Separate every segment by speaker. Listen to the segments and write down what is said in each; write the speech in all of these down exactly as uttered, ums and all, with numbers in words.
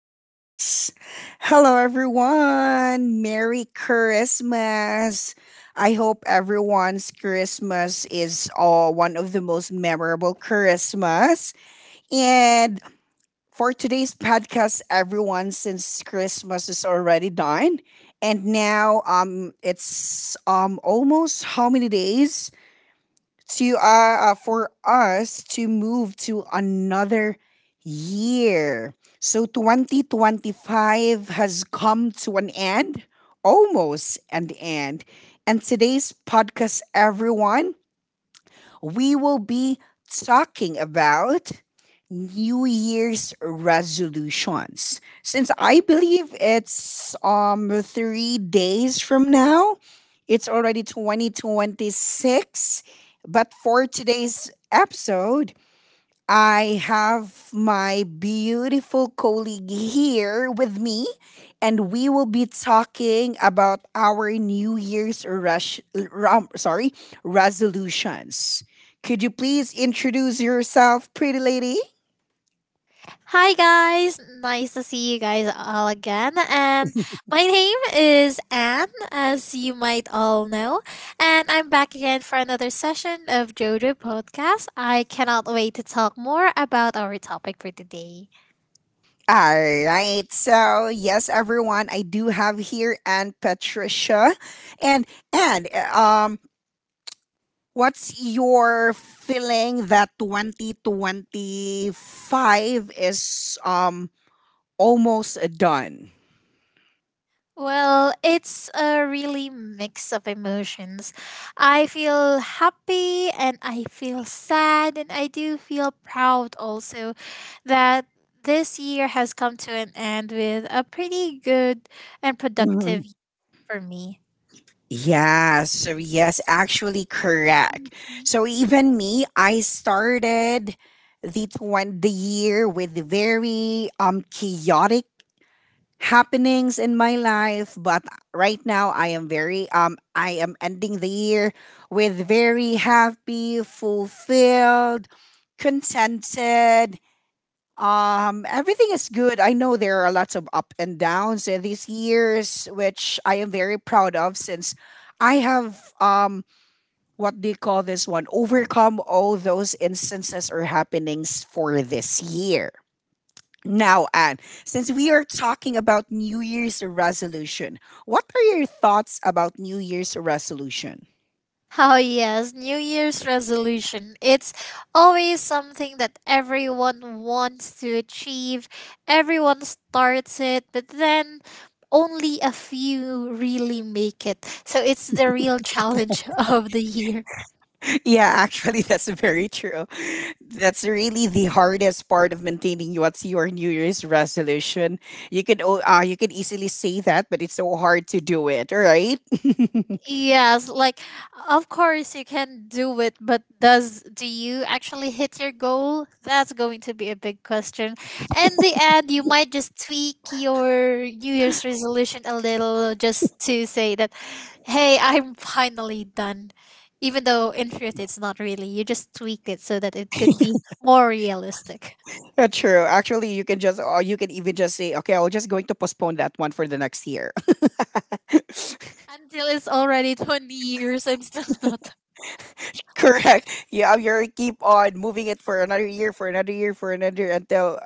Speaker 1: Podcast. Hello, everyone. Merry Christmas. I hope everyone's Christmas is uh, one of the most memorable Christmas. And for today's podcast, everyone, since Christmas is already done, and now um, it's um almost how many days to uh, uh for us to move to another year. So twenty twenty-five has come to an end, almost an end. And today's podcast, everyone, we will be talking about New Year's resolutions. Since I believe it's um three days from now, it's already twenty twenty-six. But for today's episode, I have my beautiful colleague here with me, and we will be talking about our New Year's rush, rum, sorry, resolutions. Could you please introduce yourself, pretty lady?
Speaker 2: Hi guys, nice to see you guys all again. And my name is Anne, as you might all know, and I'm back again for another session of JoJo Podcast. I cannot wait to talk more about our topic for today.
Speaker 1: All right. So, yes, everyone, I do have here Aunt Patricia. And and uh, um what's your feeling that twenty twenty-five is um almost done.
Speaker 2: Well, it's a really mix of emotions. I feel happy and I feel sad and I do feel proud also that this year has come to an end with a pretty good and
Speaker 1: Mhm.
Speaker 2: productive year for me.
Speaker 1: Yes, yes, actually correct. So even me, I started the twen- the year with very um chaotic happenings in my life, but right now I am very um I am ending the year with very happy, fulfilled, contented. Um, everything is good. I know there are lots of up and downs in these years, which I am very proud of, since I have um what do you call this one? Overcome all those instances or happenings for this year. Now, Anne, since we are talking about New Year's resolution, what are your thoughts about New Year's resolution?
Speaker 2: Oh, yes, New Year's resolution. It's always something that everyone wants to achieve. Everyone starts it, but then only a few really make it. So it's the real challenge of the year.
Speaker 1: Yeah, actually, that's very true. That's really the hardest part of maintaining what's your New Year's resolution. You could o- uh, you could easily say that, but it's so hard to do it, right?
Speaker 2: Yes, like of course you can do it, but does do you actually hit your goal? That's going to be a big question. In the end, you might just tweak your New Year's resolution a little just to say that, hey, I'm finally done. Even though in truth it's not really. You just tweaked it so that it could be more realistic.
Speaker 1: That's true. Actually, you can just, or you can even just say, okay, I'm just going to postpone that one for the next year.
Speaker 2: Until it's already twenty years, I'm still not.
Speaker 1: Correct. Yeah, you keep on moving it for another year, for another year, for another, until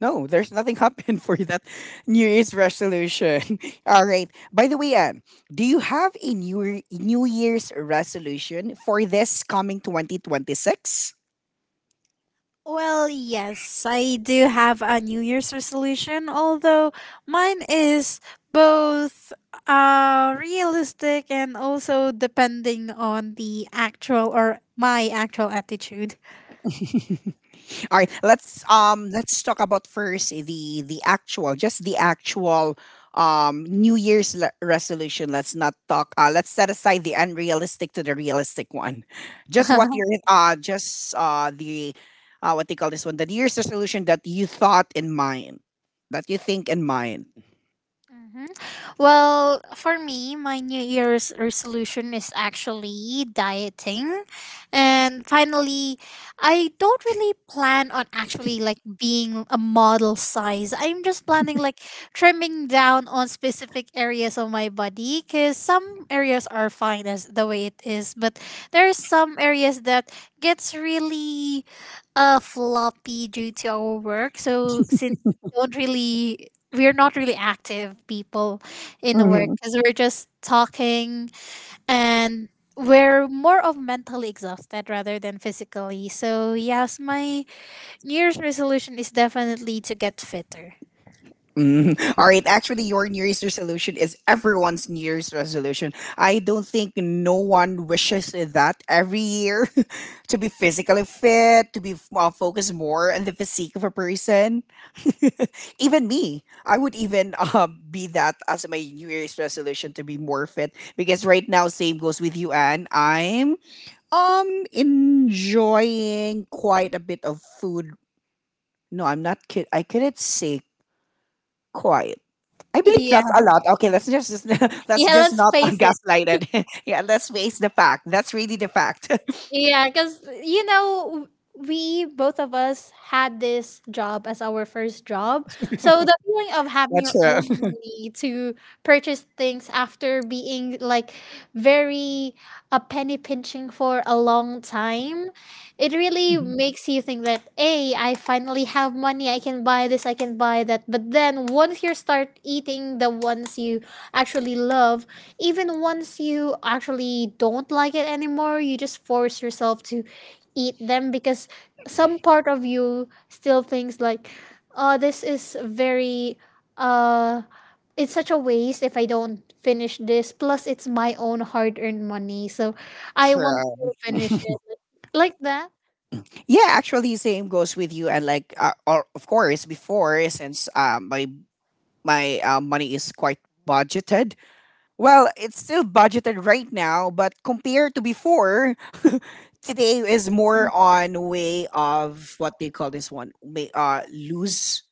Speaker 1: no, there's nothing happened for that New Year's resolution. All right. By the way, Anne, do you have a New Year- New Year's resolution for this coming twenty twenty-six?
Speaker 2: Well, yes, I do have a New Year's resolution, although mine is both uh, realistic and also depending on the actual or my actual attitude.
Speaker 1: All right, let's um let's talk about first the the actual, just the actual um New Year's le- resolution. Let's not talk. Uh, let's set aside the unrealistic to the realistic one. Just what your uh just uh the uh what they call this one, the New Year's resolution that you thought in mind, that you think in mind.
Speaker 2: Mhm. Well, for me, my New Year's resolution is actually dieting. And finally, I don't really plan on actually like being a model size. I'm just planning like trimming down on specific areas of my body because some areas are fine as the way it is, but there are some areas that gets really uh floppy due to our work. So since we don't really we're not really active people in the work because we're just talking and we're more of mentally exhausted rather than physically. So yes, my New Year's resolution is definitely to get fitter.
Speaker 1: Mm. All right. Actually, your New Year's resolution is everyone's New Year's resolution. I don't think no one wishes that every year to be physically fit, to be uh, focused more on the physique of a person. Even me, I would even um, be that as my New Year's resolution, to be more fit. Because right now, same goes with you, Anne. I'm um enjoying quite a bit of food. No, I'm not kid. I couldn't say quite. I believe
Speaker 2: Yeah.
Speaker 1: that's a lot. Okay, let's just, just let's
Speaker 2: Yeah,
Speaker 1: just
Speaker 2: let's
Speaker 1: not
Speaker 2: face it.
Speaker 1: gaslight it. Yeah, let's face the fact. That's really the fact.
Speaker 2: Yeah, because you know, we both of us had this job as our first job. So the feeling of having
Speaker 1: That's
Speaker 2: your own
Speaker 1: true.
Speaker 2: money to purchase things after being like very a penny pinching for a long time, it really
Speaker 1: Mhm.
Speaker 2: makes you think that hey, I finally have money, I can buy this, I can buy that. But then once you start eating the ones you actually love, even once you actually don't like it anymore, you just force yourself to eat them because some part of you still thinks like, "Oh, this is very uh it's such a waste if I don't finish this. Plus, it's my own hard-earned money, so I want
Speaker 1: True.
Speaker 2: to finish it." Like that.
Speaker 1: Yeah, actually, same goes with you. And like, uh, or of course, before, since um my my uh, money is quite budgeted. Well, it's still budgeted right now, but compared to before, today is more on way of what they call this one, may uh lose.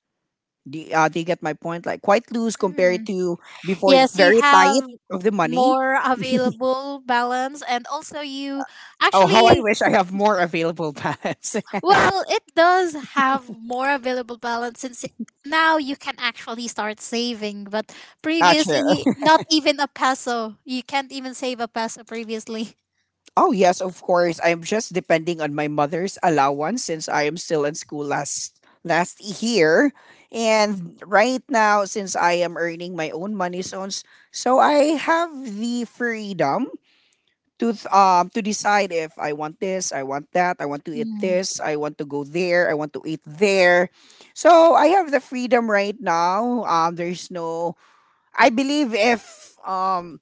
Speaker 1: Do you, uh, do you get my point? Like quite loose compared
Speaker 2: Mm.
Speaker 1: to before, it's
Speaker 2: Yes, you
Speaker 1: very tight
Speaker 2: have
Speaker 1: of the money.
Speaker 2: more available balance, and also you
Speaker 1: Oh, how I
Speaker 2: actually.
Speaker 1: wish I have more available pads.
Speaker 2: Well, it does have more available balance since it- now you can actually start saving. But
Speaker 1: Gotcha.
Speaker 2: previously, not even a peso. You can't even save a peso previously.
Speaker 1: Oh, yes, of course. I am just depending on my mother's allowance, since I am still in school last last year. And right now, since I am earning my own money, so, so I have the freedom to th- um to decide if I want this, I want that, I want to eat
Speaker 2: Mhm.
Speaker 1: this, I want to go there, I want to eat there. So I have the freedom right now. Um, there's no. I believe if um,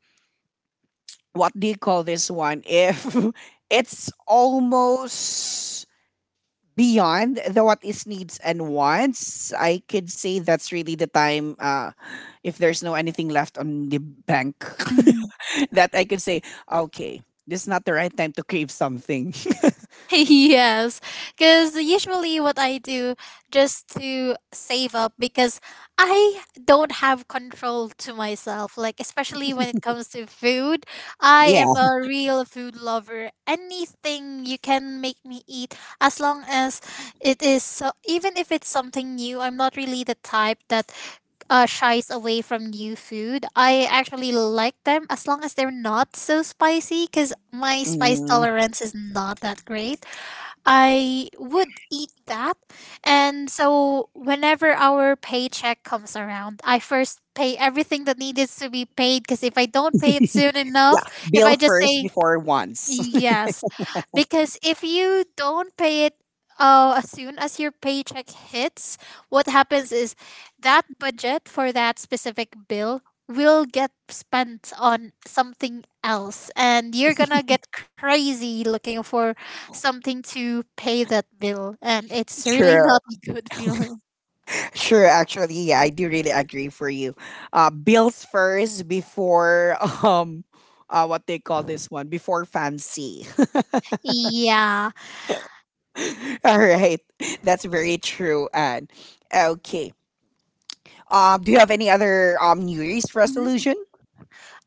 Speaker 1: what do you call this one? If it's almost beyond the what is needs and wants, I could say that's really the time. Uh if there's no anything left on the bank,
Speaker 2: Yeah.
Speaker 1: that I could say, okay, this is not the right time to crave something.
Speaker 2: Yes, because usually what I do just to save up because I don't have control to myself, like especially when it comes to food. I am
Speaker 1: Yeah.
Speaker 2: a real food lover. Anything you can make me eat, as long as it is so, even if it's something new, I'm not really the type that uh, shies away from new food. I actually like them as long as they're not so spicy because my spice
Speaker 1: Mm,
Speaker 2: tolerance is not that great. I would eat that. And so whenever our paycheck comes around, I first pay everything that needs to be paid because if I don't pay it soon
Speaker 1: yeah.
Speaker 2: enough, if
Speaker 1: Bill
Speaker 2: I just
Speaker 1: first
Speaker 2: say.
Speaker 1: before wants.
Speaker 2: Yes, because if you don't pay it uh, as soon as your paycheck hits, what happens is that budget for that specific bill will get spent on something else, and you're gonna get crazy looking for something to pay that bill, and it's really
Speaker 1: True.
Speaker 2: not a good feeling.
Speaker 1: Sure, actually, yeah, I do really agree for you. Uh, bills first before um, uh, what they call this one, before fancy.
Speaker 2: Yeah.
Speaker 1: All right, that's very true. And okay, um, do you have any other um New Year's resolution?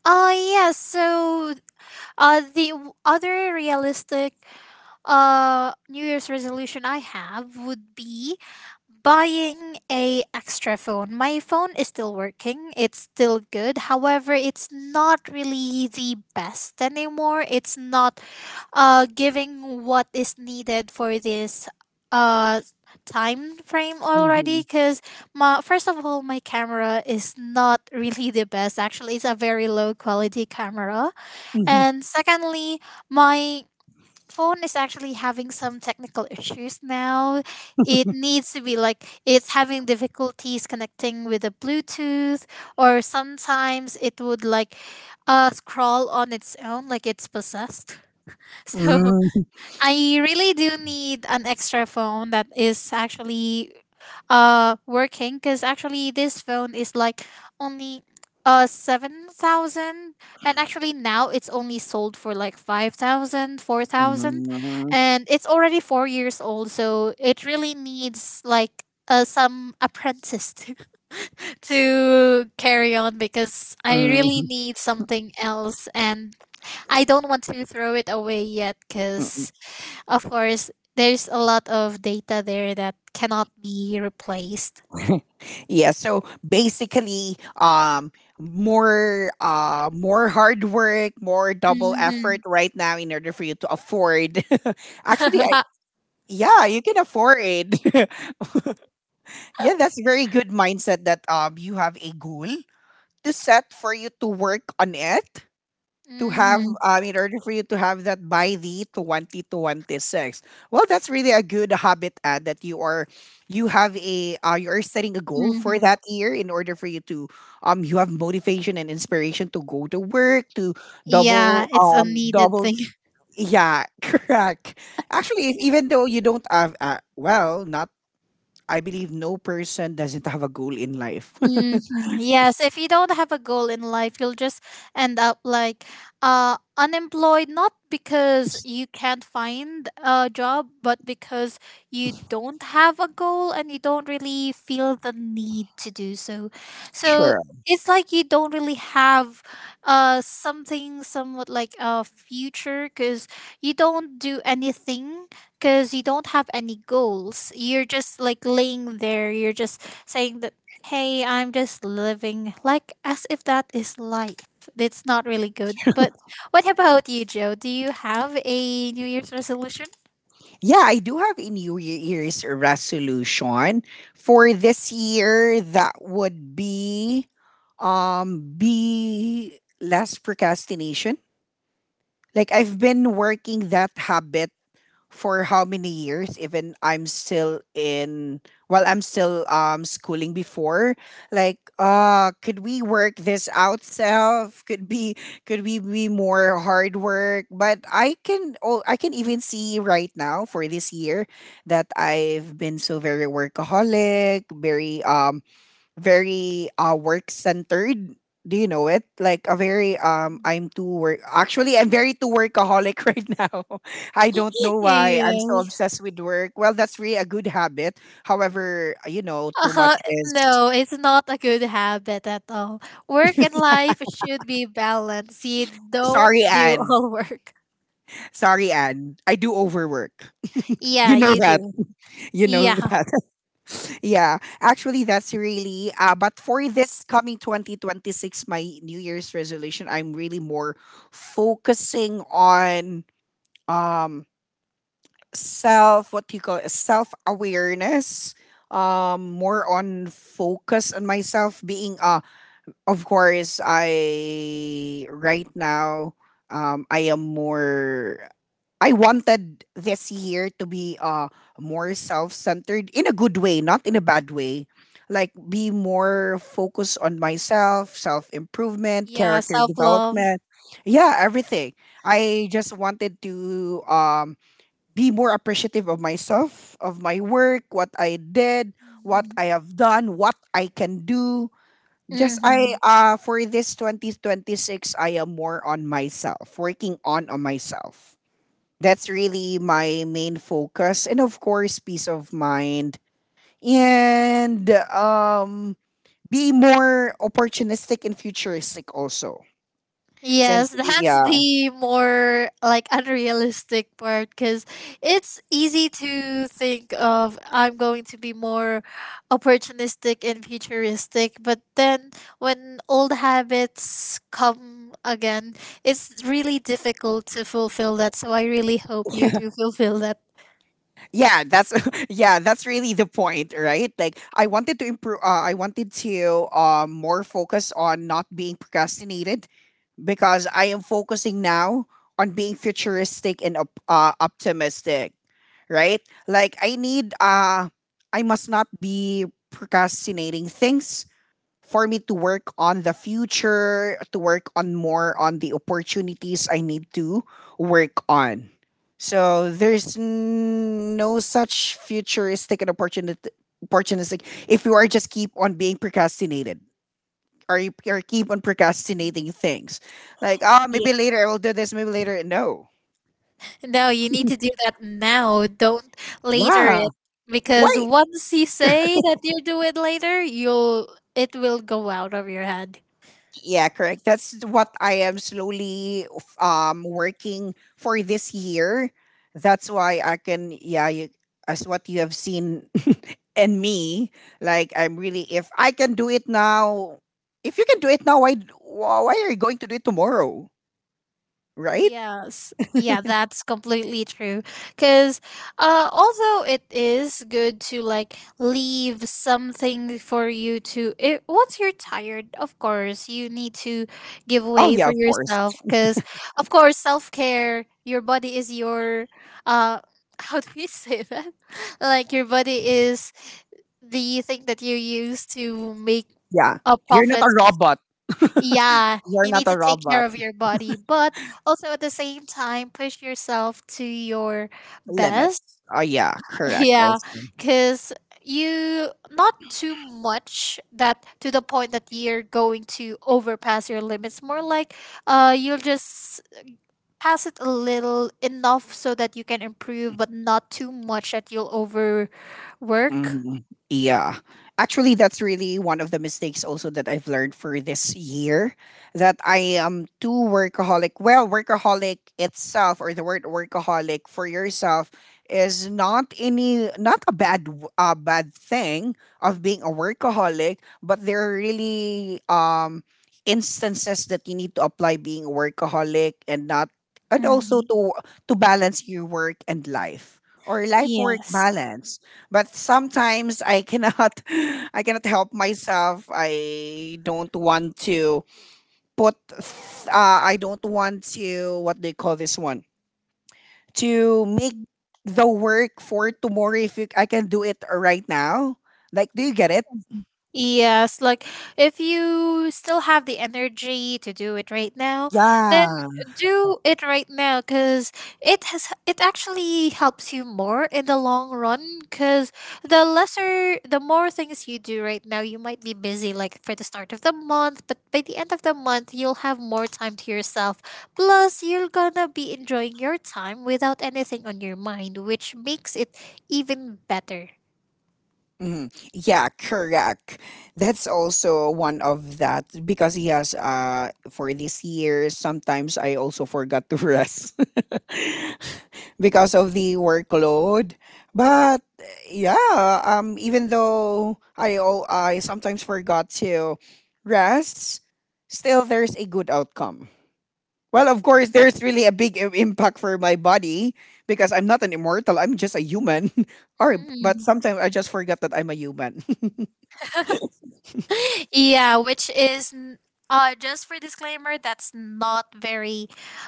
Speaker 2: Oh, yes. So uh, the w- other realistic uh New Year's resolution I have would be buying a extra phone. My phone is still working, it's still good, however it's not really the best anymore. It's not uh giving what is needed for this uh time frame already
Speaker 1: Mhm.
Speaker 2: because my first of all, my camera is not really the best. Actually, it's a very low quality camera,
Speaker 1: Mhm.
Speaker 2: and secondly, my phone is actually having some technical issues now. It needs to be like it's having difficulties connecting with the Bluetooth, or sometimes it would like uh, scroll on its own like it's possessed. So
Speaker 1: Mhm.
Speaker 2: I really do need an extra phone that is actually uh working because actually this phone is like only uh seven thousand, and actually now it's only sold for like five thousand, four thousand,
Speaker 1: Mhm.
Speaker 2: and it's already four years old, so it really needs like uh, some apprentice to, to carry on because I really
Speaker 1: Mhm.
Speaker 2: need something else, and I don't want to throw it away yet because of course there's a lot of data there that cannot be replaced.
Speaker 1: Yeah, so basically um more uh more hard work, more double effort
Speaker 2: Mhm.
Speaker 1: right now in order for you to afford. Actually, I, yeah, you can afford it. Yeah, that's very good mindset that um you have a goal to set for you to work on it, to have
Speaker 2: Mhm.
Speaker 1: um, in order for you to have that by the twenty to twenty-six. Well, that's really a good habit ad that you are, you have a uh, you're setting a goal for
Speaker 2: Mhm.
Speaker 1: that year in order for you to um you have motivation and inspiration to go to work, to
Speaker 2: Yeah,
Speaker 1: double
Speaker 2: it's a
Speaker 1: um
Speaker 2: needed
Speaker 1: double.
Speaker 2: thing.
Speaker 1: Yeah. Correct. Actually, if, even though you don't have uh, well, not, I believe no person doesn't have a goal in life.
Speaker 2: Mm-hmm. Yes, if you don't have a goal in life, you'll just end up like uh unemployed, not because you can't find a job, but because you don't have a goal and you don't really feel the need to do so. So
Speaker 1: Sure.
Speaker 2: it's like you don't really have uh something somewhat like a future because you don't do anything because you don't have any goals. You're just like laying there. You're just saying that, hey, I'm just living like as if that is life. It's not really good. But what about you, Joe? Do you have a New Year's resolution?
Speaker 1: Yeah, I do have a New Year's resolution for this year. That would be, um, be less procrastination. Like I've been working that habit for how many years, even I'm still in, while I'm still um schooling before, like uh could we work this out self, could be, could we be more hard work, but I can, oh I can even see right now for this year that I've been so very workaholic, very um very uh work centered. Do you know it? Like a very um I'm too work, actually I'm very too workaholic right now. I don't know why I'm so
Speaker 2: Yes.
Speaker 1: obsessed with work. Well, that's really a good habit. However, you know, too much
Speaker 2: Uh,
Speaker 1: is,
Speaker 2: no, it's not a good habit at all. Work and life should be balanced. You don't
Speaker 1: sorry
Speaker 2: do
Speaker 1: Anne.
Speaker 2: all work.
Speaker 1: Sorry Anne. I do overwork.
Speaker 2: Yeah,
Speaker 1: You know
Speaker 2: you
Speaker 1: that.
Speaker 2: do.
Speaker 1: You know
Speaker 2: Yeah.
Speaker 1: that. Yeah. Actually that's really uh but for this coming twenty twenty-six, my New Year's resolution, I'm really more focusing on um self, what do you call it, self awareness. Um more on focus on myself, being uh of course I, right now, um I am more, I wanted this year to be uh more self-centered in a good way, not in a bad way. Like be more focused on myself, self-improvement,
Speaker 2: Yeah,
Speaker 1: character
Speaker 2: self love.
Speaker 1: development. Yeah, everything. I just wanted to um be more appreciative of myself, of my work, what I did, what I have done, what I can do. Just I uh for this twenty twenty-six I am more on myself, working on on myself. That's really my main focus, and of course peace of mind and um be more opportunistic in futuristic also. Since,
Speaker 2: Yes, that's
Speaker 1: yeah.
Speaker 2: the more like unrealistic part because it's easy to think of I'm going to be more opportunistic and futuristic, but then when old habits come again, it's really difficult to fulfill that. So I really hope you do fulfill that.
Speaker 1: Yeah, that's yeah, that's really the point, right? Like I wanted to improve, uh, I wanted to, um, more focus on not being procrastinated, because I am focusing now on being futuristic and op- uh, optimistic, right? Like I need, uh I must not be procrastinating things for me to work on the future, to work on more on the opportunities I need to work on. So there's n- no such futuristic and opportunity opportunistic if you are just keep on being procrastinated, or you, or keep on procrastinating things, like ah,
Speaker 2: Yeah.
Speaker 1: maybe later I will do this, maybe later, no.
Speaker 2: No, you need to do that now. Don't later
Speaker 1: Yeah.
Speaker 2: it
Speaker 1: Why.
Speaker 2: because once you say that you'll do it later, you'll it will go out of your head.
Speaker 1: Yeah, correct. That's what I am slowly um working for this year. That's why I can, yeah, you, as what you have seen in me, like I'm really, if I can do it now, if you can do it now, why wh- why are you going to do it tomorrow, right?
Speaker 2: Yes, yeah, that's completely true. Because uh, although it is good to like leave something for you to, it, once you're tired, of course, you need to give
Speaker 1: Oh
Speaker 2: way
Speaker 1: yeah,
Speaker 2: for
Speaker 1: of course.
Speaker 2: yourself. Because, of course, self care, your body is your, uh, how do you say that? Like, your body is the thing that you use to make
Speaker 1: Yeah.
Speaker 2: a
Speaker 1: You're not
Speaker 2: profit.
Speaker 1: a robot.
Speaker 2: Yeah,
Speaker 1: You're
Speaker 2: you
Speaker 1: not
Speaker 2: need
Speaker 1: a
Speaker 2: to take care
Speaker 1: robot.
Speaker 2: of your body, but also at the same time, push yourself to your best.
Speaker 1: Limits. Oh yeah, correct
Speaker 2: Yeah,
Speaker 1: also.
Speaker 2: because you not too much that to the point that you're going to overpass your limits. More like uh, you'll just pass it a little enough so that you can improve, but not too much that you'll overwork.
Speaker 1: Mhm. Yeah. Actually, that's really one of the mistakes also that I've learned for this year, that I am too workaholic. Well, workaholic itself, or the word workaholic for yourself, is not any, not a bad w- uh, bad thing of being a workaholic, but there are really um instances that you need to apply being a workaholic, and not, and also
Speaker 2: Mhm.
Speaker 1: to to balance your work and life, or life work
Speaker 2: Yes.
Speaker 1: balance. But sometimes I cannot I cannot help myself. I don't want to put th- uh, I don't want to, what do you call this one, to make the work for tomorrow if you, I can do it right now. Like do you get it?
Speaker 2: Yes, like if you still have the energy to do it right now, then
Speaker 1: Yeah.
Speaker 2: do it right now because it has it actually helps you more in the long run because the lesser the more things you do right now, you might be busy like for the start of the month, but by the end of the month you'll have more time to yourself. Plus you're gonna be enjoying your time without anything on your mind, which makes it even better.
Speaker 1: Mhm. Yeah, correct. That's also one of that because he has uh for this year sometimes I also forgot to rest because of the workload. But yeah, um even though I al- I sometimes forgot to rest, still there's a good outcome. Well, of course, there's really a big i- impact for my body because I'm not an immortal. I'm just a human. or but
Speaker 2: Mm-hmm.
Speaker 1: sometimes I just forget that I'm a human.
Speaker 2: Yeah, which is n- uh just for disclaimer, that's not very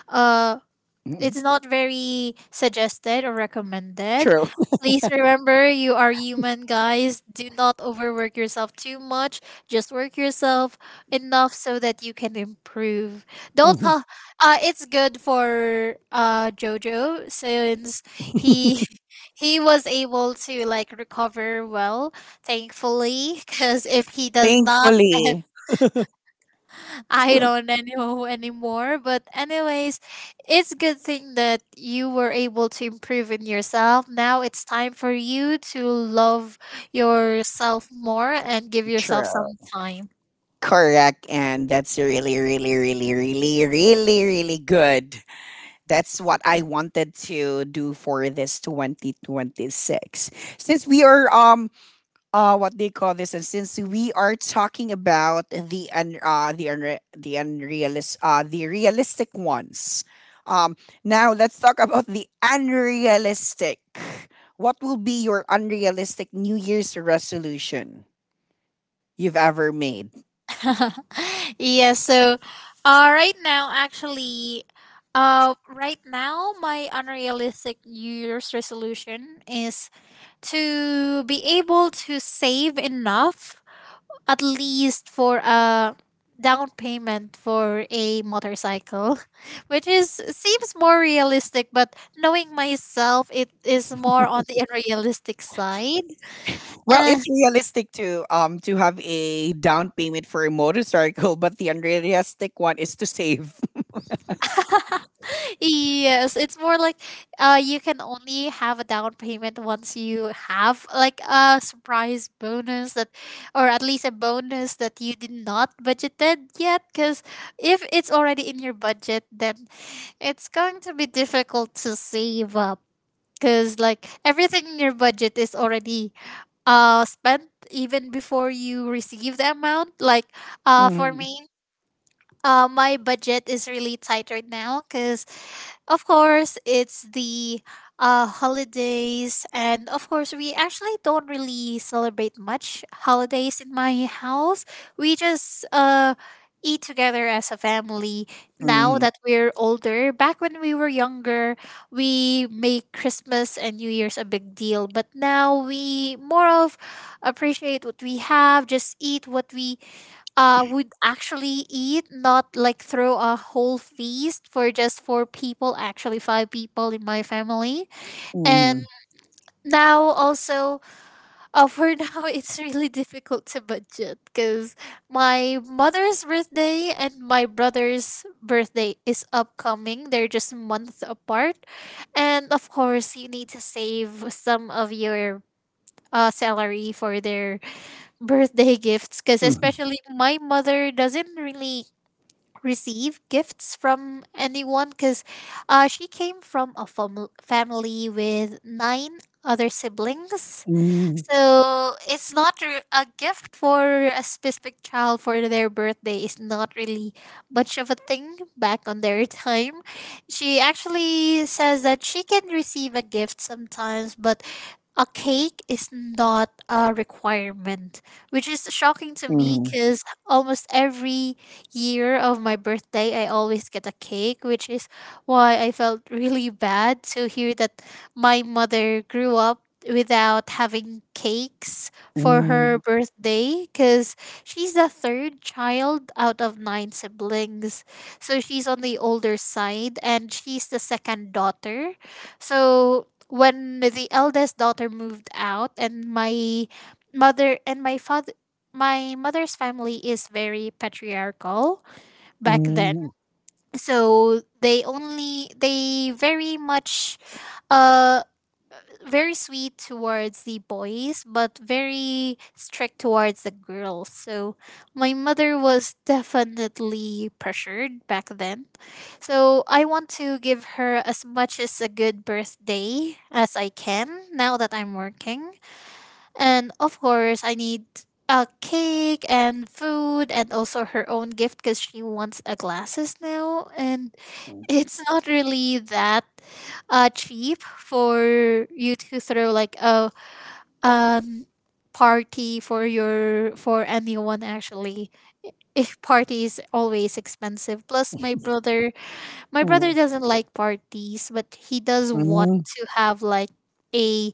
Speaker 2: uh
Speaker 1: Mhm.
Speaker 2: it's not very suggested or recommended.
Speaker 1: True.
Speaker 2: Please remember you are human, guys. Do not overwork yourself too much. Just work yourself enough so that you can improve. Don't
Speaker 1: Mhm.
Speaker 2: pa- uh It's good for uh Jojo since he he was able to like recover well, thankfully, cuz if he does not,
Speaker 1: Thankfully,
Speaker 2: I don't know anymore. But anyways, it's good thing that you were able to improve in yourself. Now it's time for you to love yourself more and give yourself
Speaker 1: true.
Speaker 2: some time.
Speaker 1: Correct, and that's really, really, really, really, really, really good. That's what I wanted to do for this twenty twenty-six. Since we are um uh what they call this, and since we are talking about the un, uh the unre- the unrealist uh the realistic ones, um now let's talk about the unrealistic. What will be your unrealistic new year's resolution you've ever made?
Speaker 2: Yeah, so uh right now actually uh right now my unrealistic New Year's resolution is to be able to save enough, at least for a down payment for a motorcycle. Which is seems more realistic, but knowing myself, it is more on the unrealistic side.
Speaker 1: Well,
Speaker 2: Uh,
Speaker 1: it's realistic to um to have a down payment for a motorcycle, but the unrealistic one is to save.
Speaker 2: yes, it's more like, uh, you can only have a down payment once you have like a surprise bonus that, or at least a bonus that you did not budgeted yet, because if it's already in your budget, then it's going to be difficult to save up because like everything in your budget is already uh spent even before you receive the amount, like uh for
Speaker 1: Mhm,
Speaker 2: me. Uh my budget is really tight right now because of course it's the uh, holidays, and of course we actually don't really celebrate much holidays in my house. We just uh, eat together as a family now
Speaker 1: mhm,
Speaker 2: that we're older. Back when we were younger, we make christmas and new year's a big deal, but now we more of appreciate what we have, just eat what we uh, would actually eat, not like throw a whole feast for just four people, actually five people in my family. And
Speaker 1: mhm,
Speaker 2: now also, uh, for now, it's really difficult to budget because my mother's birthday and my brother's birthday is upcoming. They're just a month apart. And of course, you need to save some of your uh, salary for their birthday gifts, because
Speaker 1: mhm,
Speaker 2: especially my mother doesn't really receive gifts from anyone because uh, she came from a fam- family with nine other siblings.
Speaker 1: mhm,
Speaker 2: So it's not re- a gift for a specific child for their birthday is not really much of a thing back on their time. She actually says that she can receive a gift sometimes, but a cake is not a requirement, which is shocking to me
Speaker 1: mhm,
Speaker 2: because almost every year of my birthday, I always get a cake, which is why I felt really bad to hear that my mother grew up without having cakes for her
Speaker 1: mhm.
Speaker 2: birthday, because she's the third child out of nine siblings. So she's on the older side and she's the second daughter. So when the eldest daughter moved out and my mother and my father my mother's family is very patriarchal back then,
Speaker 1: Mm,
Speaker 2: so they only they very much uh very sweet towards the boys, but very strict towards the girls. So my mother was definitely pressured back then. So I want to give her as much as a good birthday as I can now that I'm working. And of course, I need a cake and food and also her own gift because she wants a glasses now. And it's not really that uh, cheap for you to throw like a um, party for your for anyone actually. I- If party is always expensive. Plus, my brother my
Speaker 1: mm,
Speaker 2: brother
Speaker 1: mm,
Speaker 2: doesn't like parties, but he does want
Speaker 1: mm,
Speaker 2: to have like a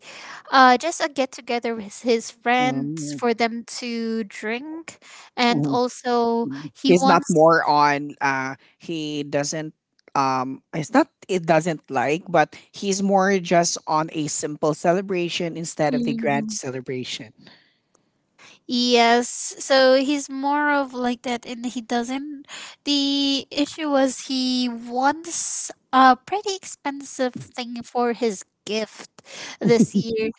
Speaker 2: uh just a get together with his friends
Speaker 1: mm,
Speaker 2: for them to drink, and
Speaker 1: mm.
Speaker 2: also he
Speaker 1: He's not
Speaker 2: wants.
Speaker 1: more on uh he doesn't, um it's not it doesn't like, but he's more just on a simple celebration instead of the grand
Speaker 2: Mhm.
Speaker 1: celebration.
Speaker 2: Yes, so he's more of like that, and he doesn't, the issue was he wants a pretty expensive thing for his gift this year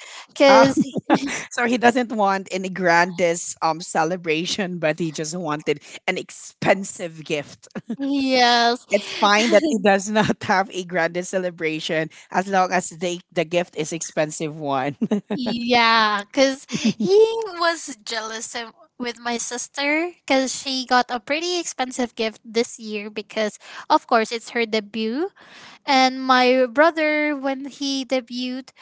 Speaker 1: Um,
Speaker 2: because
Speaker 1: so he doesn't want any grandest um celebration, but he just wanted an expensive gift.
Speaker 2: yes.
Speaker 1: It's fine that he does not have a grandest celebration as long as they the gift is expensive one.
Speaker 2: Yeah, because he was jealous of- with my sister because she got a pretty expensive gift this year because, of course, it's her debut. And my brother, when he debuted,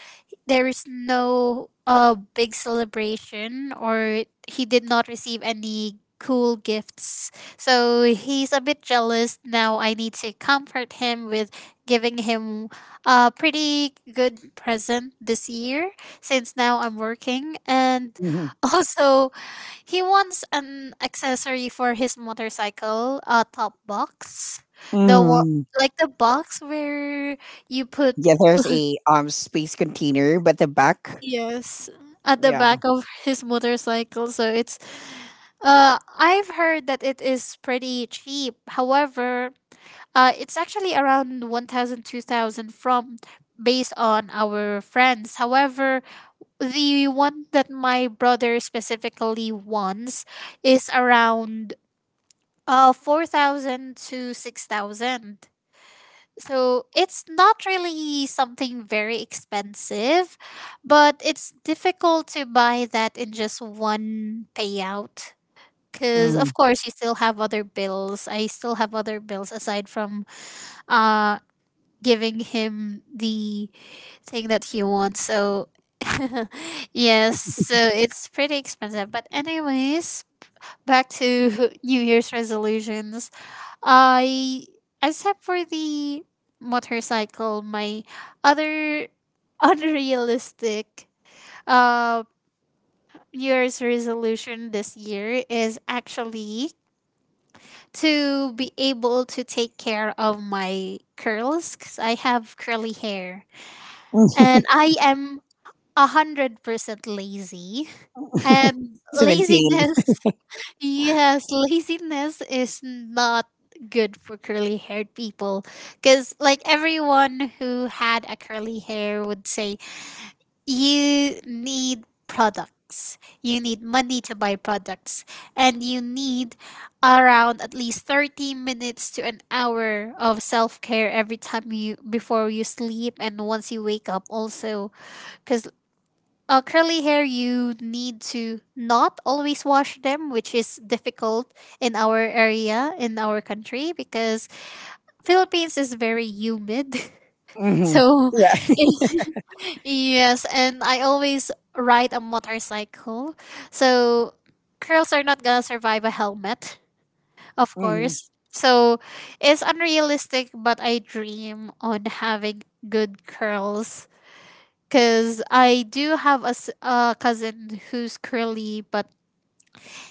Speaker 2: there is no uh big celebration, or he did not receive any cool gifts, so he's a bit jealous. Now I need to comfort him with giving him a pretty good present this year since now I'm working, and also he wants an accessory for his motorcycle, a top box, the wa-
Speaker 1: Mhm.
Speaker 2: like the box where you put.
Speaker 1: Yeah, there's a um space container, but the back,
Speaker 2: Yes, at the
Speaker 1: yeah.
Speaker 2: back of his motorcycle. So it's uh I've heard that it is pretty cheap. However, uh it's actually around one thousand, two thousand from, based on our friends. However, the one that my brother specifically wants is around uh four thousand to six thousand. So it's not really something very expensive, but it's difficult to buy that in just one payout. Because,
Speaker 1: Hmm,
Speaker 2: of course, you still have other bills. I still have other bills aside from uh, giving him the thing that he wants. So, yes, so it's pretty expensive. But, anyways, back to New Year's resolutions. I except for the motorcycle, my other unrealistic uh New Year's resolution this year is actually to be able to take care of my curls, because I have curly hair and I am a hundred percent lazy, and
Speaker 1: to maintain.
Speaker 2: laziness. Yes, laziness is not good for curly haired people, because like everyone who had a curly hair would say, you need products, you need money to buy products, and you need around at least thirty minutes to an hour of self-care every time, you before you sleep and once you wake up also, because uh, curly hair, you need to not always wash them, which is difficult in our area, in our country, because Philippines is very humid.
Speaker 1: Hmm.
Speaker 2: So,
Speaker 1: Yeah.
Speaker 2: yes, and I always ride a motorcycle. So, curls are not gonna survive a helmet, of
Speaker 1: Hmm.
Speaker 2: course. So, it's unrealistic, but I dream on having good curls because I do have a s- a cousin who's curly, but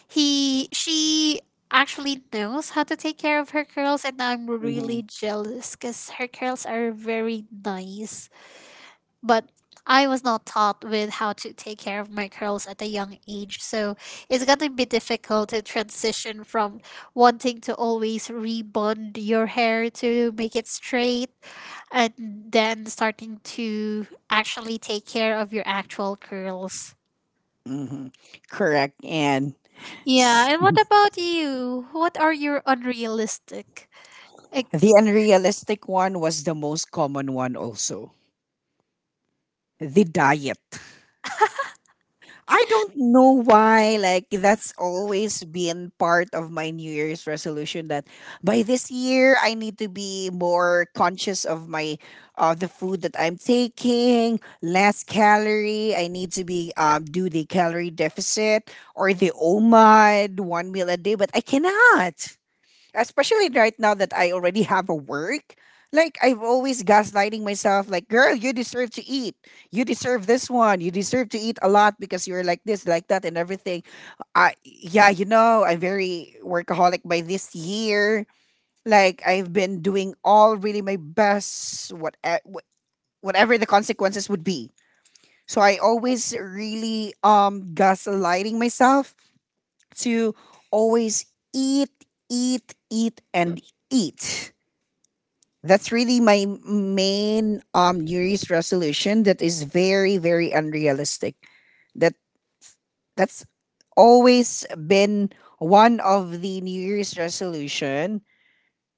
Speaker 2: he she actually knows how to take care of her curls, and I'm
Speaker 1: Hmm.
Speaker 2: really jealous because her curls are very nice. But I was not taught with how to take care of my curls at a young age, so it's gonna be difficult to transition from wanting to always rebond your hair to make it straight, and then starting to actually take care of your actual curls.
Speaker 1: Hmm. Correct. And
Speaker 2: Yeah,
Speaker 1: s-
Speaker 2: and what about you? What are your unrealistic? Like,
Speaker 1: the unrealistic one was the most common one, also the diet. I don't know why, like, that's always been part of my New Year's resolution that by this year, I need to be more conscious of my, uh, the food that I'm taking, less calorie. I need to be, um, do the calorie deficit or the O M A D, one meal a day, but I cannot, especially right now that I already have a work. Like I've always gaslighting myself, like, girl, you deserve to eat. You deserve this one. You deserve to eat a lot because you're like this, like that, and everything. I yeah, you know, I'm very workaholic by this year. Like I've been doing all really my best, what whatever the consequences would be. So I always really um gaslighting myself to always eat, eat, eat, and eat. That's really my main um, New Year's resolution that is very, very unrealistic. That that's always been one of the New Year's resolution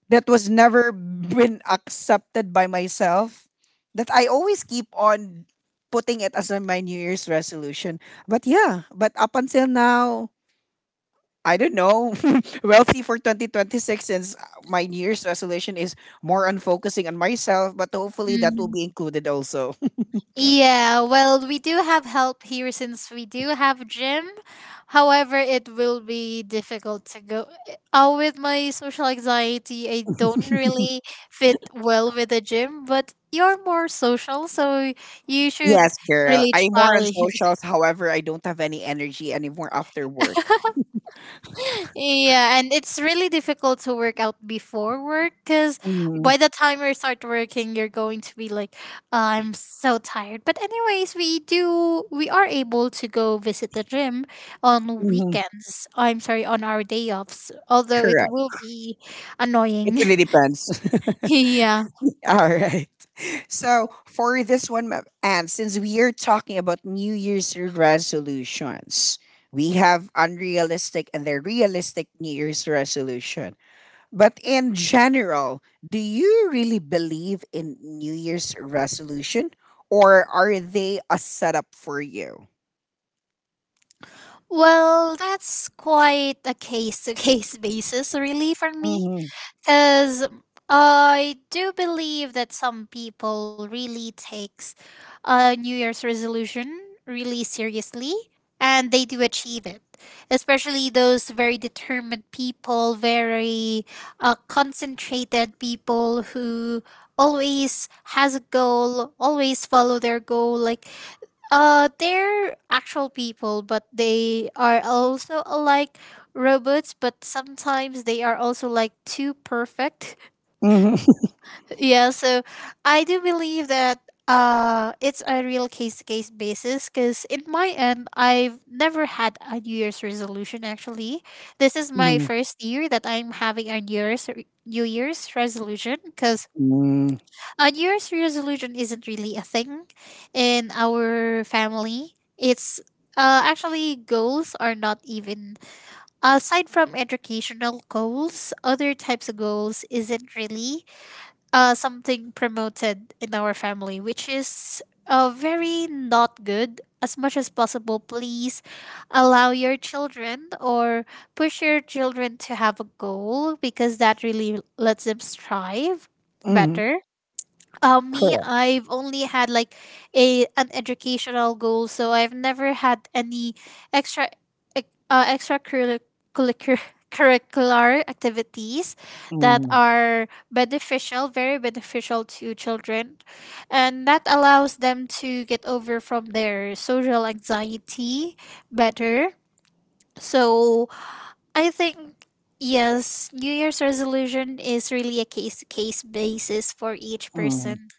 Speaker 1: that was never been accepted by myself. That I always keep on putting it as a- my New Year's resolution. But yeah, but up until now, I don't know, wealthy for twenty twenty-six since my New Year's resolution is more on focusing on myself, but hopefully that will be
Speaker 2: mm,
Speaker 1: included also.
Speaker 2: yeah, well, we do have help here since we do have gym. However, it will be difficult to go. Uh, with my social anxiety, I don't really fit well with the gym, but you're more social, so you should
Speaker 1: Yes, girl.
Speaker 2: really
Speaker 1: I'm
Speaker 2: try.
Speaker 1: more on socials. However, I don't have any energy anymore after work.
Speaker 2: Yeah, and it's really difficult to work out before work, because
Speaker 1: Mm,
Speaker 2: by the time you start working, you're going to be like, I'm so tired. But anyways, we do we are able to go visit the gym on
Speaker 1: mhm,
Speaker 2: weekends. I'm sorry, on our day offs. Although it
Speaker 1: correct.
Speaker 2: will be
Speaker 1: It
Speaker 2: annoying.
Speaker 1: really depends.
Speaker 2: Yeah.
Speaker 1: All right. So for this one, ma- and since we are talking about New Year's resolutions, we have unrealistic and the realistic New Year's resolution. But in general, do you really believe in New Year's resolution or are they a setup for you?
Speaker 2: Well, that's quite a case to case basis, really, for me.
Speaker 1: Mhm.
Speaker 2: Because I do believe that some people really takes a New Year's resolution really seriously, and they do achieve it. Especially those very determined people, very uh, concentrated people who always has a goal, always follow their goal. Like uh, they're actual people, but they are also like robots, but sometimes they are also like too perfect.
Speaker 1: Mhm.
Speaker 2: Yeah, so I do believe that uh, it's a real case to case basis, because in my end, I've never had a New Year's resolution actually. This is my
Speaker 1: Mhm.
Speaker 2: first year that I'm having a New Year's, New Year's resolution, because
Speaker 1: Mhm.
Speaker 2: a New Year's resolution isn't really a thing in our family. It's uh, actually goals are not even, aside from educational goals. Other types of goals isn't really uh, something promoted in our family, which is uh, very not good. As much as possible, please allow your children or push your children to have a goal, because that really lets them strive
Speaker 1: Mhm.
Speaker 2: better. Uh, me,
Speaker 1: Correct.
Speaker 2: I've only had like a an educational goal, so I've never had any extra ec- uh, extracurricular curricular activities that
Speaker 1: Mhm.
Speaker 2: are beneficial, very beneficial to children, and that allows them to get over from their social anxiety better. So I think yes, New Year's resolution is really a case to case basis for each
Speaker 1: Mhm.
Speaker 2: person.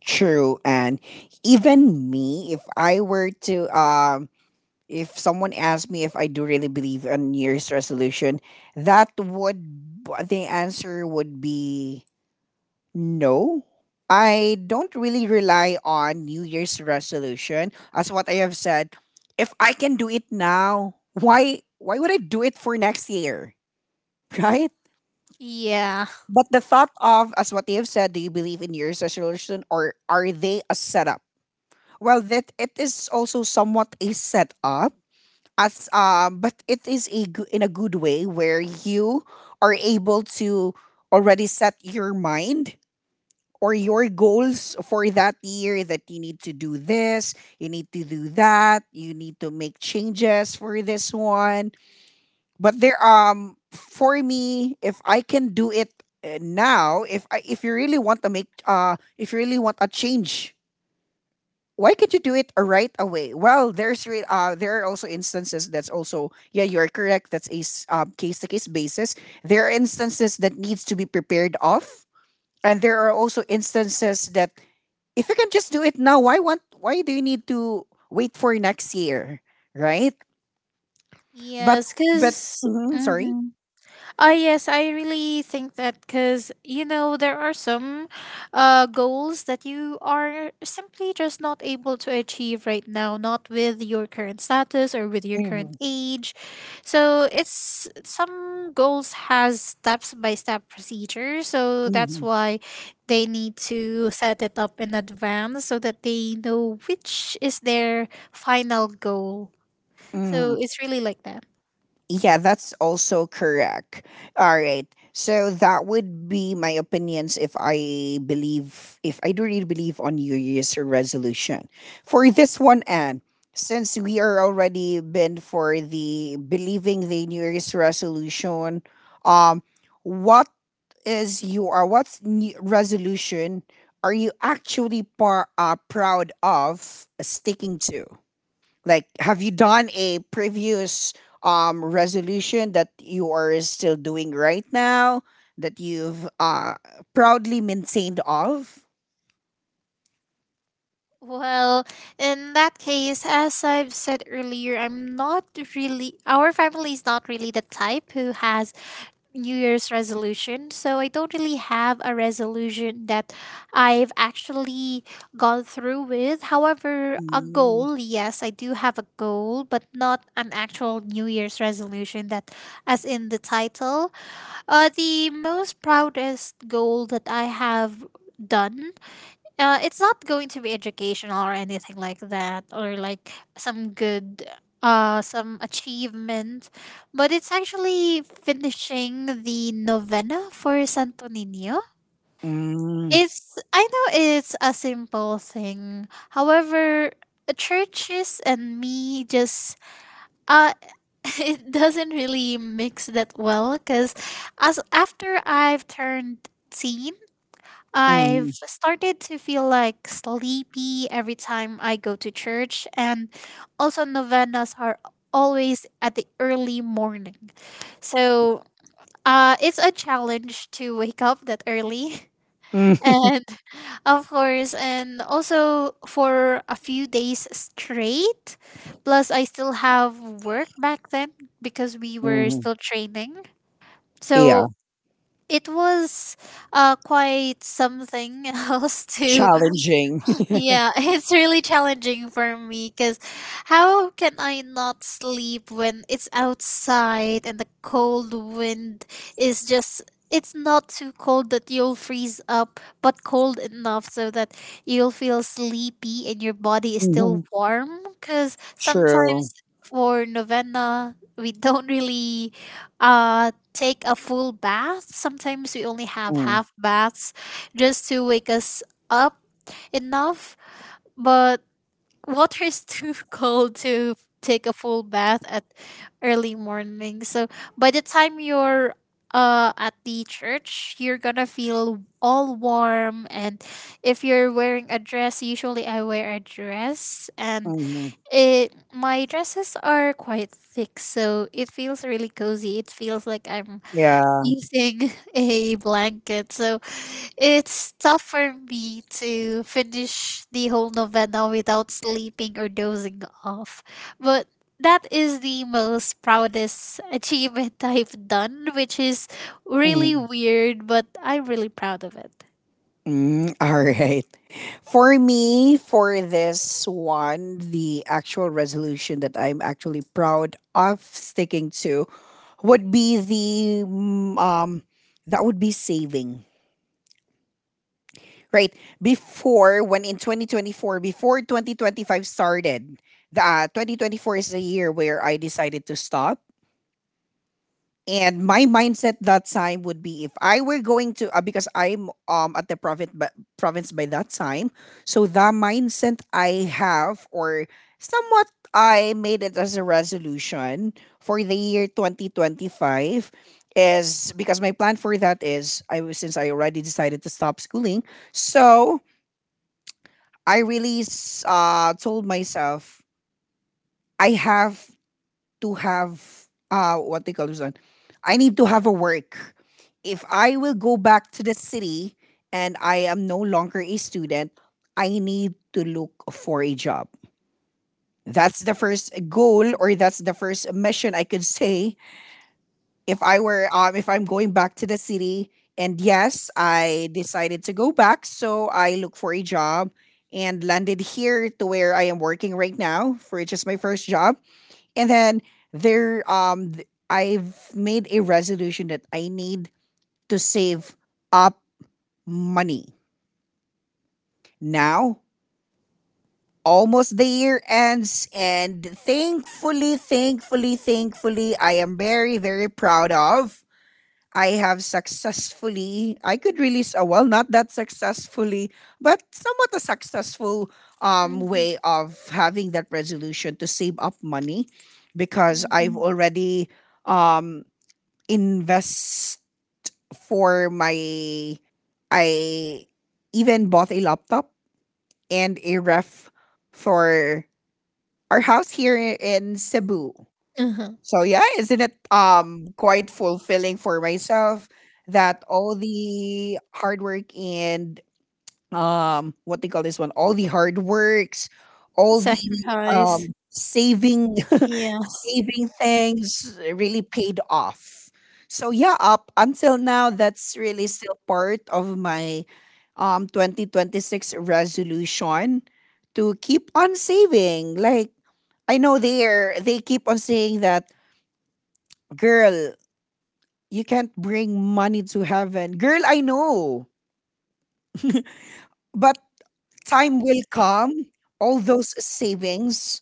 Speaker 1: True. And even me, if I were to, um, if someone asked me if I do really believe in New Year's resolution, that would, the answer would be no. I don't really rely on New Year's resolution. As what I have said, if I can do it now, why why would I do it for next year? Right?
Speaker 2: Yeah.
Speaker 1: But the thought of as what you have said, do you believe in New Year's resolution or are they a setup? Well, that it is also somewhat a setup as um, but it is a go- in a good way where you are able to already set your mind or your goals for that year that you need to do this, you need to do that, you need to make changes for this one. But there um for me, if I can do it uh, now, if I if you really want to make uh if you really want a change, why can't you do it right away? Well, there's re- uh there are also instances that's also yeah, you are correct, that's a case to case basis. There are instances that needs to be prepared of, and there are also instances that if you can just do it now, why want why do you need to wait for next year, right? But
Speaker 2: Yes,
Speaker 1: but
Speaker 2: because.
Speaker 1: mhm, sorry.
Speaker 2: Oh, yes, I really think that because, you know, there are some uh, goals that you are simply just not able to achieve right now, not with your current status or with your current
Speaker 1: Mhm,
Speaker 2: age. So it's some goals has steps by step procedure. So that's
Speaker 1: mhm,
Speaker 2: why they need to set it up in advance so that they know which is their final goal. So
Speaker 1: mhm.
Speaker 2: it's really like that.
Speaker 1: Yeah, that's also correct. All right. So that would be my opinions if I believe if I do really believe on New Year's resolution. For this one, and since we are already been for the believing the New Year's resolution, um what is your what's new resolution are you actually par, uh, proud of sticking to? Like, have you done a previous um, resolution that you are still doing right now that you've uh, proudly maintained of?
Speaker 2: Well, in that case, as I've said earlier, I'm not really, our family is not really the type who has New Year's resolution. So I don't really have a resolution that I've actually gone through with. However, a
Speaker 1: Mm,
Speaker 2: goal, yes, I do have a goal, but not an actual New Year's resolution that, as in the title. Uh, the most proudest goal that I have done, uh, it's not going to be educational or anything like that, or like some good uh some achievement, but it's actually finishing the novena for Santo nino
Speaker 1: mm,
Speaker 2: it's, I know it's a simple thing, however, churches and me just uh it doesn't really mix that well, because as after I've turned eighteen, I've
Speaker 1: mm,
Speaker 2: started to feel like sleepy every time I go to church, and also novenas are always at the early morning. So uh, it's a challenge to wake up that early.
Speaker 1: mm,
Speaker 2: And of course, and also for a few days straight. Plus, I still have work back then because we were
Speaker 1: mm.
Speaker 2: still training.
Speaker 1: Yeah,
Speaker 2: So it was uh, quite something else to,
Speaker 1: challenging.
Speaker 2: yeah, it's really challenging for me because how can I not sleep when it's outside and the cold wind is just, it's not too cold that you'll freeze up, but cold enough so that you'll feel sleepy and your body is still
Speaker 1: Mhm,
Speaker 2: warm. Because
Speaker 1: true.
Speaker 2: sometimes for novena, we don't really uh, take a full bath. Sometimes we only have
Speaker 1: Mm,
Speaker 2: half baths just to wake us up enough but water is too cold to take a full bath at early morning. So by the time you're uh, at the church, you're gonna feel all warm. And if you're wearing a dress, usually I wear a dress, and
Speaker 1: mhm.
Speaker 2: it my dresses are quite thick, so it feels really cozy. It feels like I'm
Speaker 1: Yeah.
Speaker 2: using a blanket. So it's tough for me to finish the whole novena without sleeping or dozing off. But that is the most proudest achievement I've done, which is really
Speaker 1: Mm,
Speaker 2: weird, but I'm really proud of it.
Speaker 1: mm. All right. For me, for this one, the actual resolution that I'm actually proud of sticking to would be the mm, um that would be saving. Right before when in twenty twenty-four, before twenty twenty-five started, the uh, twenty twenty-four is the year where I decided to stop. And my mindset that time would be if I were going to uh, because I'm um at the province province by that time, so the mindset I have or somewhat I made it as a resolution for the year twenty twenty-five is because my plan for that is I was since I already decided to stop schooling, so I really s- uh told myself I have to have uh what they call this one. I need to have a work. If I will go back to the city and I am no longer a student, I need to look for a job. That's the first goal or that's the first mission I could say if I were um if I'm going back to the city, and yes, I decided to go back, so I look for a job and landed here to where I am working right now, for which is my first job. And then there um th- I've made a resolution that I need to save up money. Now, almost the year ends, and thankfully, thankfully, thankfully I am very very proud of, I have successfully, I could release a, well, not that successfully, but somewhat a successful um
Speaker 2: Mhm,
Speaker 1: way of having that resolution to save up money, because I've
Speaker 2: mhm.
Speaker 1: already um invest for my I even bought a laptop and a ref for our house here in Cebu.
Speaker 2: Uh-huh.
Speaker 1: So yeah, isn't it um quite fulfilling for myself that all the hard work and um what they call this one, all the hard works, all the
Speaker 2: Sacrifice.
Speaker 1: um saving
Speaker 2: Yeah.
Speaker 1: saving things really paid off. So yeah, up until now, that's really still part of my um twenty twenty-six resolution to keep on saving. Like I know they're they keep on saying that, girl, you can't bring money to heaven. Girl, I know. But time will come. All those savings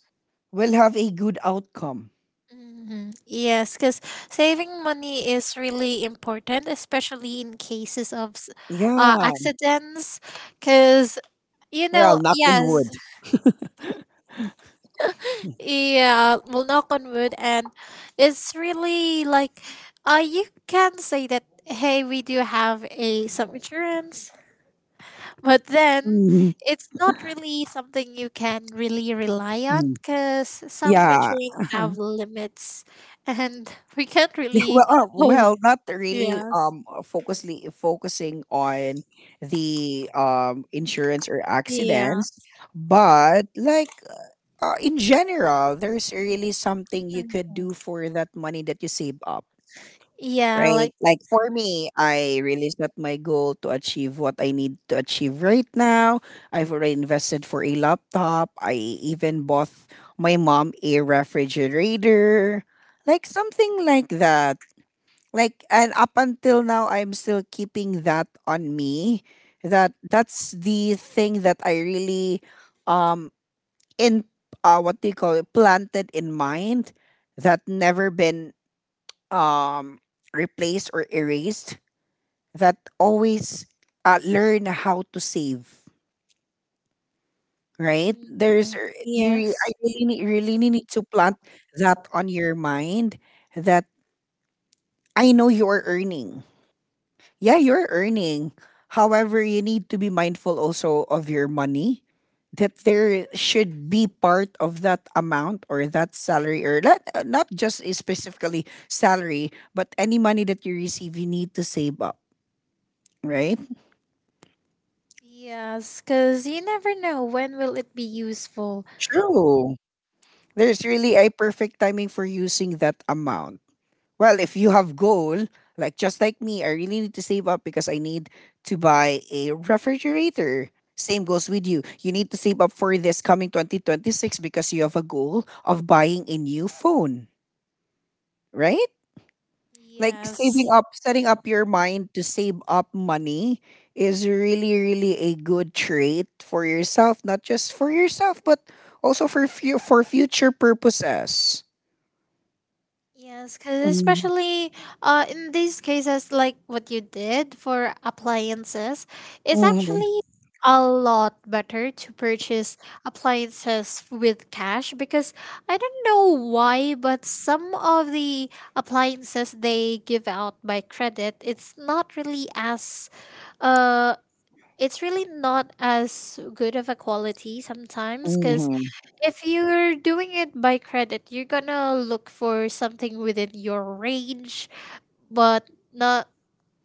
Speaker 1: will have a good outcome.
Speaker 2: Mhm. Yes, because saving money is really important, especially in cases of s- uh,
Speaker 1: Yeah.
Speaker 2: accidents. Because, you
Speaker 1: Well,
Speaker 2: know,
Speaker 1: knock on
Speaker 2: yes.
Speaker 1: wood.
Speaker 2: Yeah, well, knock on wood, and it's really like, uh, you can say that, hey, we do have a some insurance, but then
Speaker 1: Mhm.
Speaker 2: it's not really something you can really rely on because some, yeah,
Speaker 1: Yeah.
Speaker 2: insurance have limits, and we can't
Speaker 1: Yeah,
Speaker 2: really.
Speaker 1: well, uh, well,
Speaker 2: Oh,
Speaker 1: not really
Speaker 2: yeah,
Speaker 1: um uh, focusly focusing on the um insurance or
Speaker 2: yeah,
Speaker 1: accidents, but like uh, in general, there's really something you could do for that money that you save up,
Speaker 2: yeah,
Speaker 1: right?
Speaker 2: like,
Speaker 1: Like for me, I really set my goal to achieve what I need to achieve right now. I've already invested for a laptop. I even bought my mom a refrigerator, like something like that. Like and up until now, I'm still keeping that on me. That that's the thing that I really um in uh what do you call it, planted in mind, that never been um replaced or erased, that always uh, learn how to save, right?
Speaker 2: mm,
Speaker 1: there's r- you re-
Speaker 2: yes.
Speaker 1: i really need, really need to plant that on your mind, that I know you're earning, yeah you're earning, however you need to be mindful also of your money, that there should be part of that amount or that salary or not, uh, not just i- specifically salary, but any money that you receive you need to save up, right?
Speaker 2: Yes, because you never know when will it be useful.
Speaker 1: True. There's really a perfect timing for using that amount. Well, if you have goal, like just like me, I really need to save up because I need to buy a refrigerator. Same goes with you. You need to save up for this coming twenty twenty-six because you have a goal of buying a new phone, right? Like saving
Speaker 2: Yes.
Speaker 1: up, setting up your mind to save up money is really, really a good trait for yourself, not just for yourself, but also for fu- for future purposes.
Speaker 2: Yes, because especially uh, in these cases, like what you did for appliances, it's
Speaker 1: Mhm,
Speaker 2: actually a lot better to purchase appliances with cash. Because I don't know why, but some of the appliances they give out by credit, it's not really as uh, it's really not as good of a quality sometimes. Because
Speaker 1: mhm,
Speaker 2: if you're doing it by credit, you're gonna look for something within your range, but not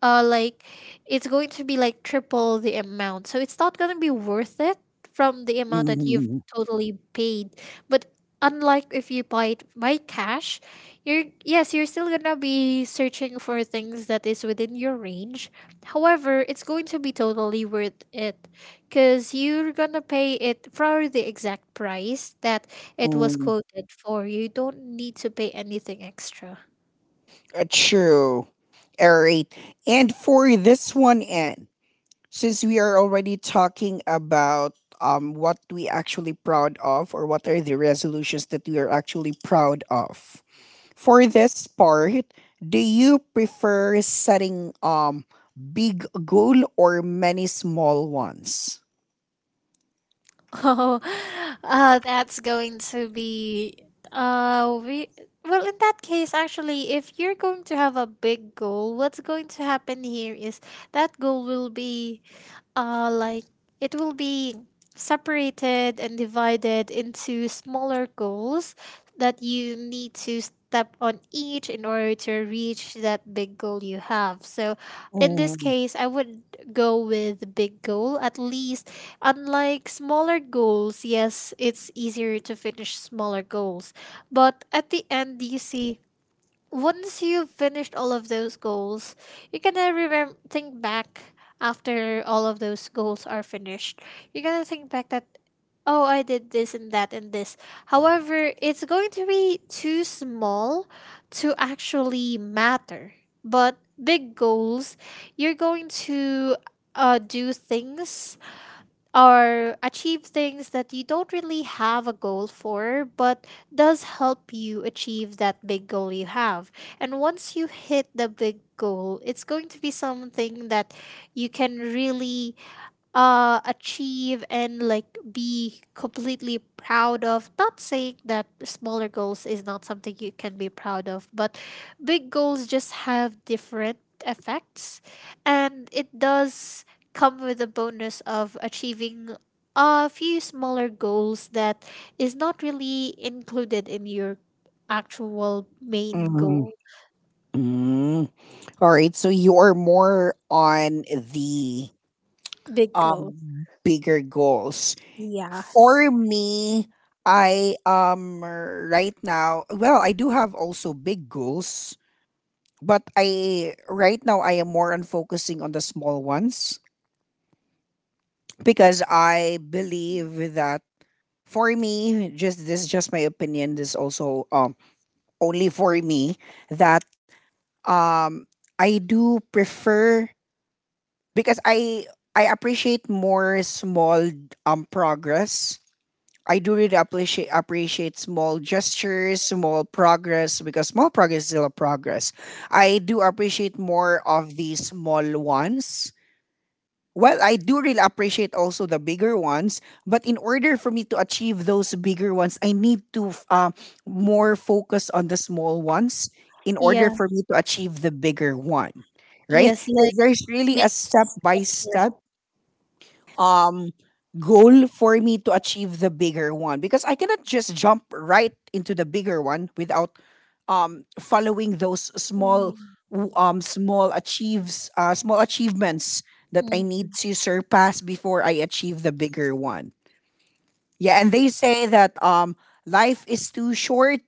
Speaker 2: uh like it's going to be like triple the amount, so it's not going to be worth it from the amount that you've
Speaker 1: mhm,
Speaker 2: totally paid. But unlike if you buy it by cash, you're, yes, you're still going to be searching for things that is within your range, however it's going to be totally worth it because you're going to pay it for the exact price that it was
Speaker 1: mhm.
Speaker 2: quoted for. You don't need to pay anything extra.
Speaker 1: Uh, true. All right. And for this one, and since we are already talking about um what we actually proud of or what are the resolutions that we are actually proud of. For this part, do you prefer setting um big goal or many small ones?
Speaker 2: Oh, uh, that's going to be uh we, well, in that case, actually, if you're going to have a big goal, what's going to happen here is that goal will be uh, like, it will be separated and divided into smaller goals that you need to step on each in order to reach that big goal you have. So in this
Speaker 1: Mm,
Speaker 2: case, I would go with the big goal at least. Unlike smaller goals, yes, it's easier to finish smaller goals, but at the end you see, once you've finished all of those goals, you can uh, remember, think back after all of those goals are finished. You're gonna think back that, oh, I did this and that and this. However, it's going to be too small to actually matter. But big goals, you're going to uh, do things or achieve things that you don't really have a goal for, but does help you achieve that big goal you have. And once you hit the big goal, it's going to be something that you can really uh achieve and like be completely proud of. Not saying that smaller goals is not something you can be proud of, but big goals just have different effects, and it does come with a bonus of achieving a few smaller goals that is not really included in your actual main
Speaker 1: mm,
Speaker 2: goal.
Speaker 1: mm. All right, so you are more on the
Speaker 2: Big
Speaker 1: um
Speaker 2: goal.
Speaker 1: bigger goals.
Speaker 2: Yeah.
Speaker 1: For me, I um right now, well, I do have also big goals, but I right now I am more on focusing on the small ones because I believe that for me, just this is just my opinion, this is also um only for me that um I do prefer because I I appreciate more small um progress. I do really appreciate appreciate small gestures, small progress because small progress is still a progress. I do appreciate more of the small ones. Well, I do really appreciate also the bigger ones, but in order for me to achieve those bigger ones, I need to f- uh, more focus on the small ones in order
Speaker 2: Yeah.
Speaker 1: for me to achieve the bigger one. Right?
Speaker 2: Yes.
Speaker 1: Th-
Speaker 2: Like.
Speaker 1: There's really
Speaker 2: Big-.
Speaker 1: a step by step um goal for me to achieve the bigger one because I cannot just jump right into the bigger one without um following those small w- um small achieves uh small achievements that I
Speaker 2: Mm,
Speaker 1: need
Speaker 2: mm.
Speaker 1: to surpass before I achieve the bigger one. Yeah, and they say that um life is too short,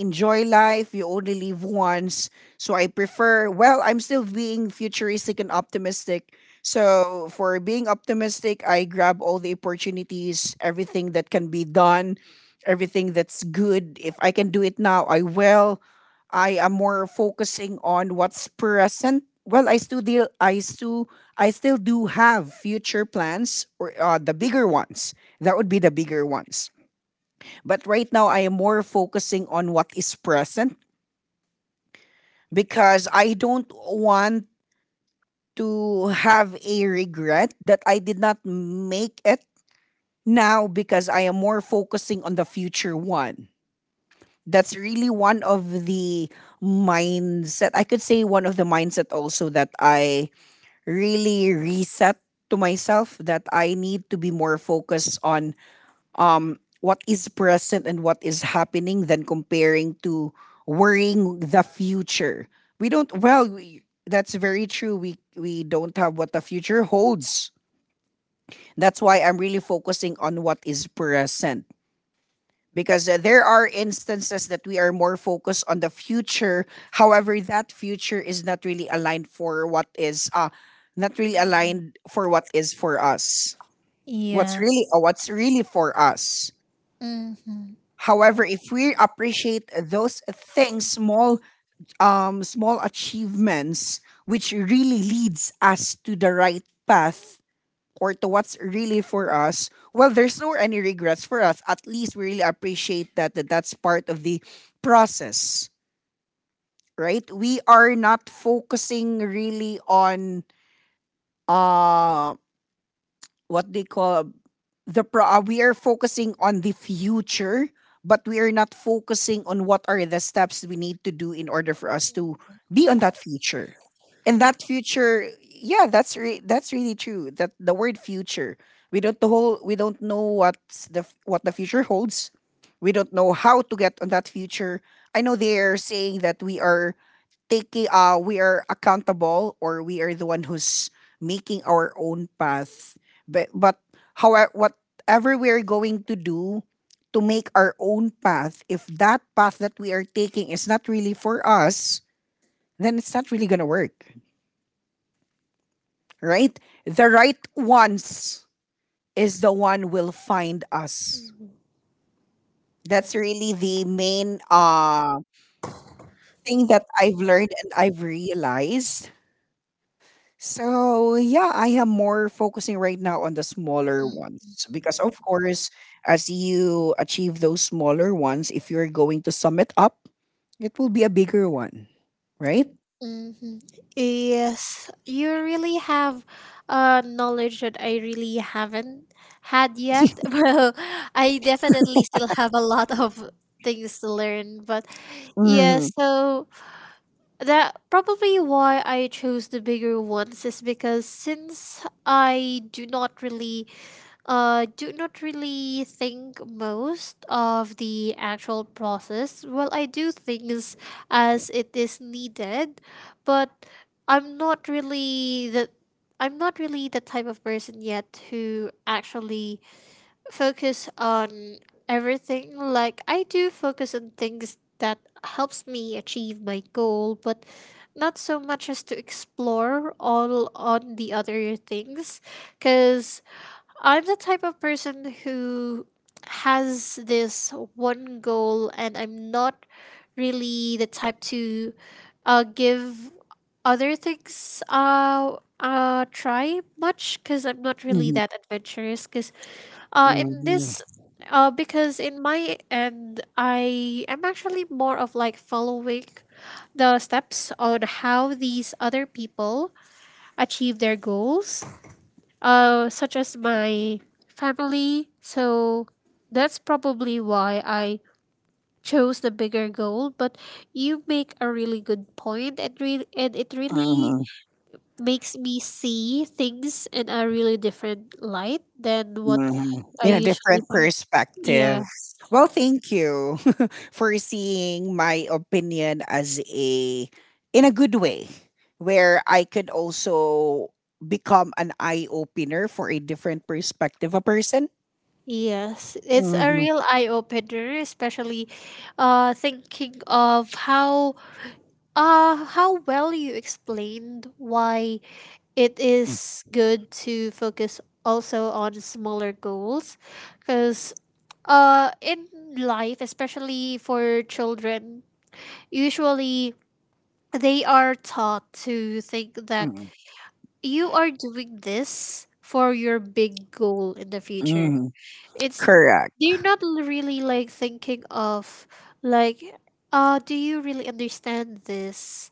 Speaker 1: enjoy life. You only live once. So I prefer, well, I'm still being futuristic and optimistic. So for being optimistic, I grab all the opportunities, everything that can be done, everything that's good. If I can do it now, I will. I am more focusing on what's present. Well, I still deal. I still, I still do have future plans, or uh, the bigger ones. That would be the bigger ones. But right now, I am more focusing on what is present because I don't want to have a regret that I did not make it now because I am more focusing on the future one. That's really one of the mindset. I could say one of the mindset also that I really reset to myself that I need to be more focused on um, what is present and what is happening than comparing to worrying the future. We don't. Well, we, that's very true. We we don't have what the future holds. That's why I'm really focusing on what is present because uh, there are instances that we are more focused on the future. However, that future is not really aligned for what is uh not really aligned for what is for us. What's
Speaker 2: Yeah.
Speaker 1: really uh, what's really for us.
Speaker 2: Mm-hmm.
Speaker 1: However, if we appreciate those things, small um small achievements which really leads us to the right path or to what's really for us, well there's no any regrets for us. At least we really appreciate that, that that's part of the process, right? We are not focusing really on um what they call the pro uh, we are focusing on the future but we are not focusing on what are the steps we need to do in order for us to be on that future. And that future, yeah, that's re- that's really true. That the word future, we don't, the whole we don't know what's the f- what the future holds. We don't know how to get on that future. I know they're saying that we are taking uh we are accountable, or we are the one who's making our own path, but but however, whatever we are going to do to make our own path, if that path that we are taking is not really for us, then it's not really going to work, right? The right ones is the one will find us. That's really the main uh thing that I've learned and I've realized. So yeah, I am more focusing right now on the smaller ones because of course, as you achieve those smaller ones, if you're going to sum it up, it will be a bigger one, right?
Speaker 2: Mm-hmm. Yes, you really have uh, knowledge that I really haven't had yet. Well, I definitely still have a lot of things to learn, but yeah,
Speaker 1: Mm-hmm.
Speaker 2: so that probably why I chose the bigger ones is because since I do not really uh, do not really think most of the actual process. Well, I do things as it is needed, but I'm not really the I'm not really the type of person yet who actually focus on everything. Like I do focus on things that helps me achieve my goal, but not so much as to explore all on the other things, because I'm the type of person who has this one goal, and I'm not really the type to uh, give other things uh, uh, try much because I'm not really that adventurous. Because uh, in
Speaker 1: Mm-hmm.
Speaker 2: this, uh, because in my end, I am actually more of like following the steps on how these other people achieve their goals, uh, such as my family. So that's probably why I chose the bigger goal. But you make a really good point, and re- and it really makes me see things in a really different light than what
Speaker 1: Mhm.
Speaker 2: I
Speaker 1: In a
Speaker 2: usually
Speaker 1: different
Speaker 2: found.
Speaker 1: perspective.
Speaker 2: Yes.
Speaker 1: Well, thank you for seeing my opinion as a, in a good way where I could also become an eye opener for a different perspective of person.
Speaker 2: Yes, it's a
Speaker 1: Mhm,
Speaker 2: real eye opener, especially uh thinking of how. Uh, how well you explained why it is good to focus also on smaller goals, because uh in life, especially for children, usually they are taught to think that
Speaker 1: mhm,
Speaker 2: you are doing this for your big goal in the future.
Speaker 1: mhm.
Speaker 2: It's
Speaker 1: Correct.
Speaker 2: they're not l- really like thinking of like, uh do you really understand this?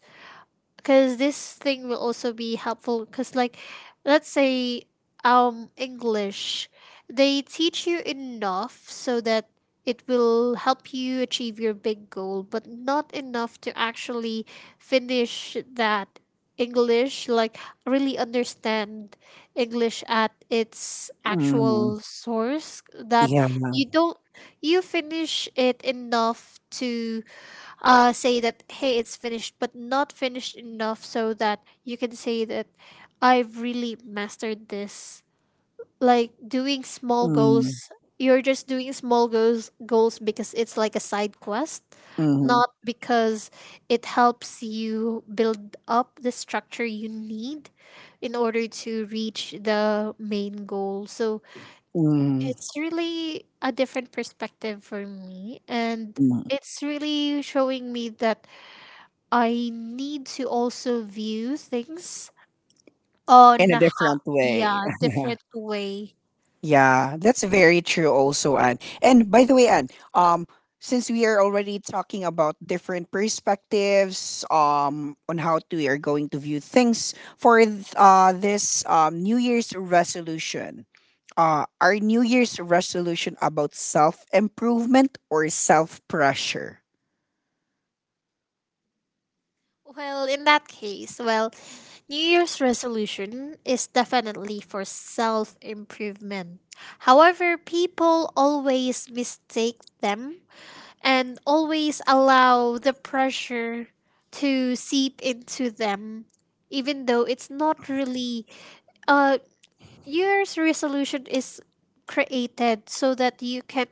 Speaker 2: Because this thing will also be helpful. Because like, let's say, um English, they teach you enough so that it will help you achieve your big goal, but not enough to actually finish that English, like really understand English at its
Speaker 1: Mhm.
Speaker 2: actual source. That
Speaker 1: Yeah.
Speaker 2: you don't, you finish it enough to uh, say that, hey, it's finished, but not finished enough so that you can say that I've really mastered this. Like doing small goals,
Speaker 1: Mhm,
Speaker 2: you're just doing small goals goals because it's like a side quest,
Speaker 1: mhm,
Speaker 2: not because it helps you build up the structure you need in order to reach the main goal. So
Speaker 1: mhm,
Speaker 2: it's really a different perspective for me, and
Speaker 1: mhm.
Speaker 2: it's really showing me that I need to also view things
Speaker 1: In
Speaker 2: on
Speaker 1: a different
Speaker 2: ho-
Speaker 1: way.
Speaker 2: yeah, different way.
Speaker 1: Yeah, that's very true also, Anne. And by the way, Anne, um, since we are already talking about different perspectives, um, on how to, we are going to view things for th- uh, this um, New Year's resolution, uh, our New Year's resolution about self improvement or self pressure?
Speaker 2: Well, in that case, well, New Year's resolution is definitely for self improvement. However, people always mistake them and always allow the pressure to seep into them, even though it's not really uh year's resolution is created so that you can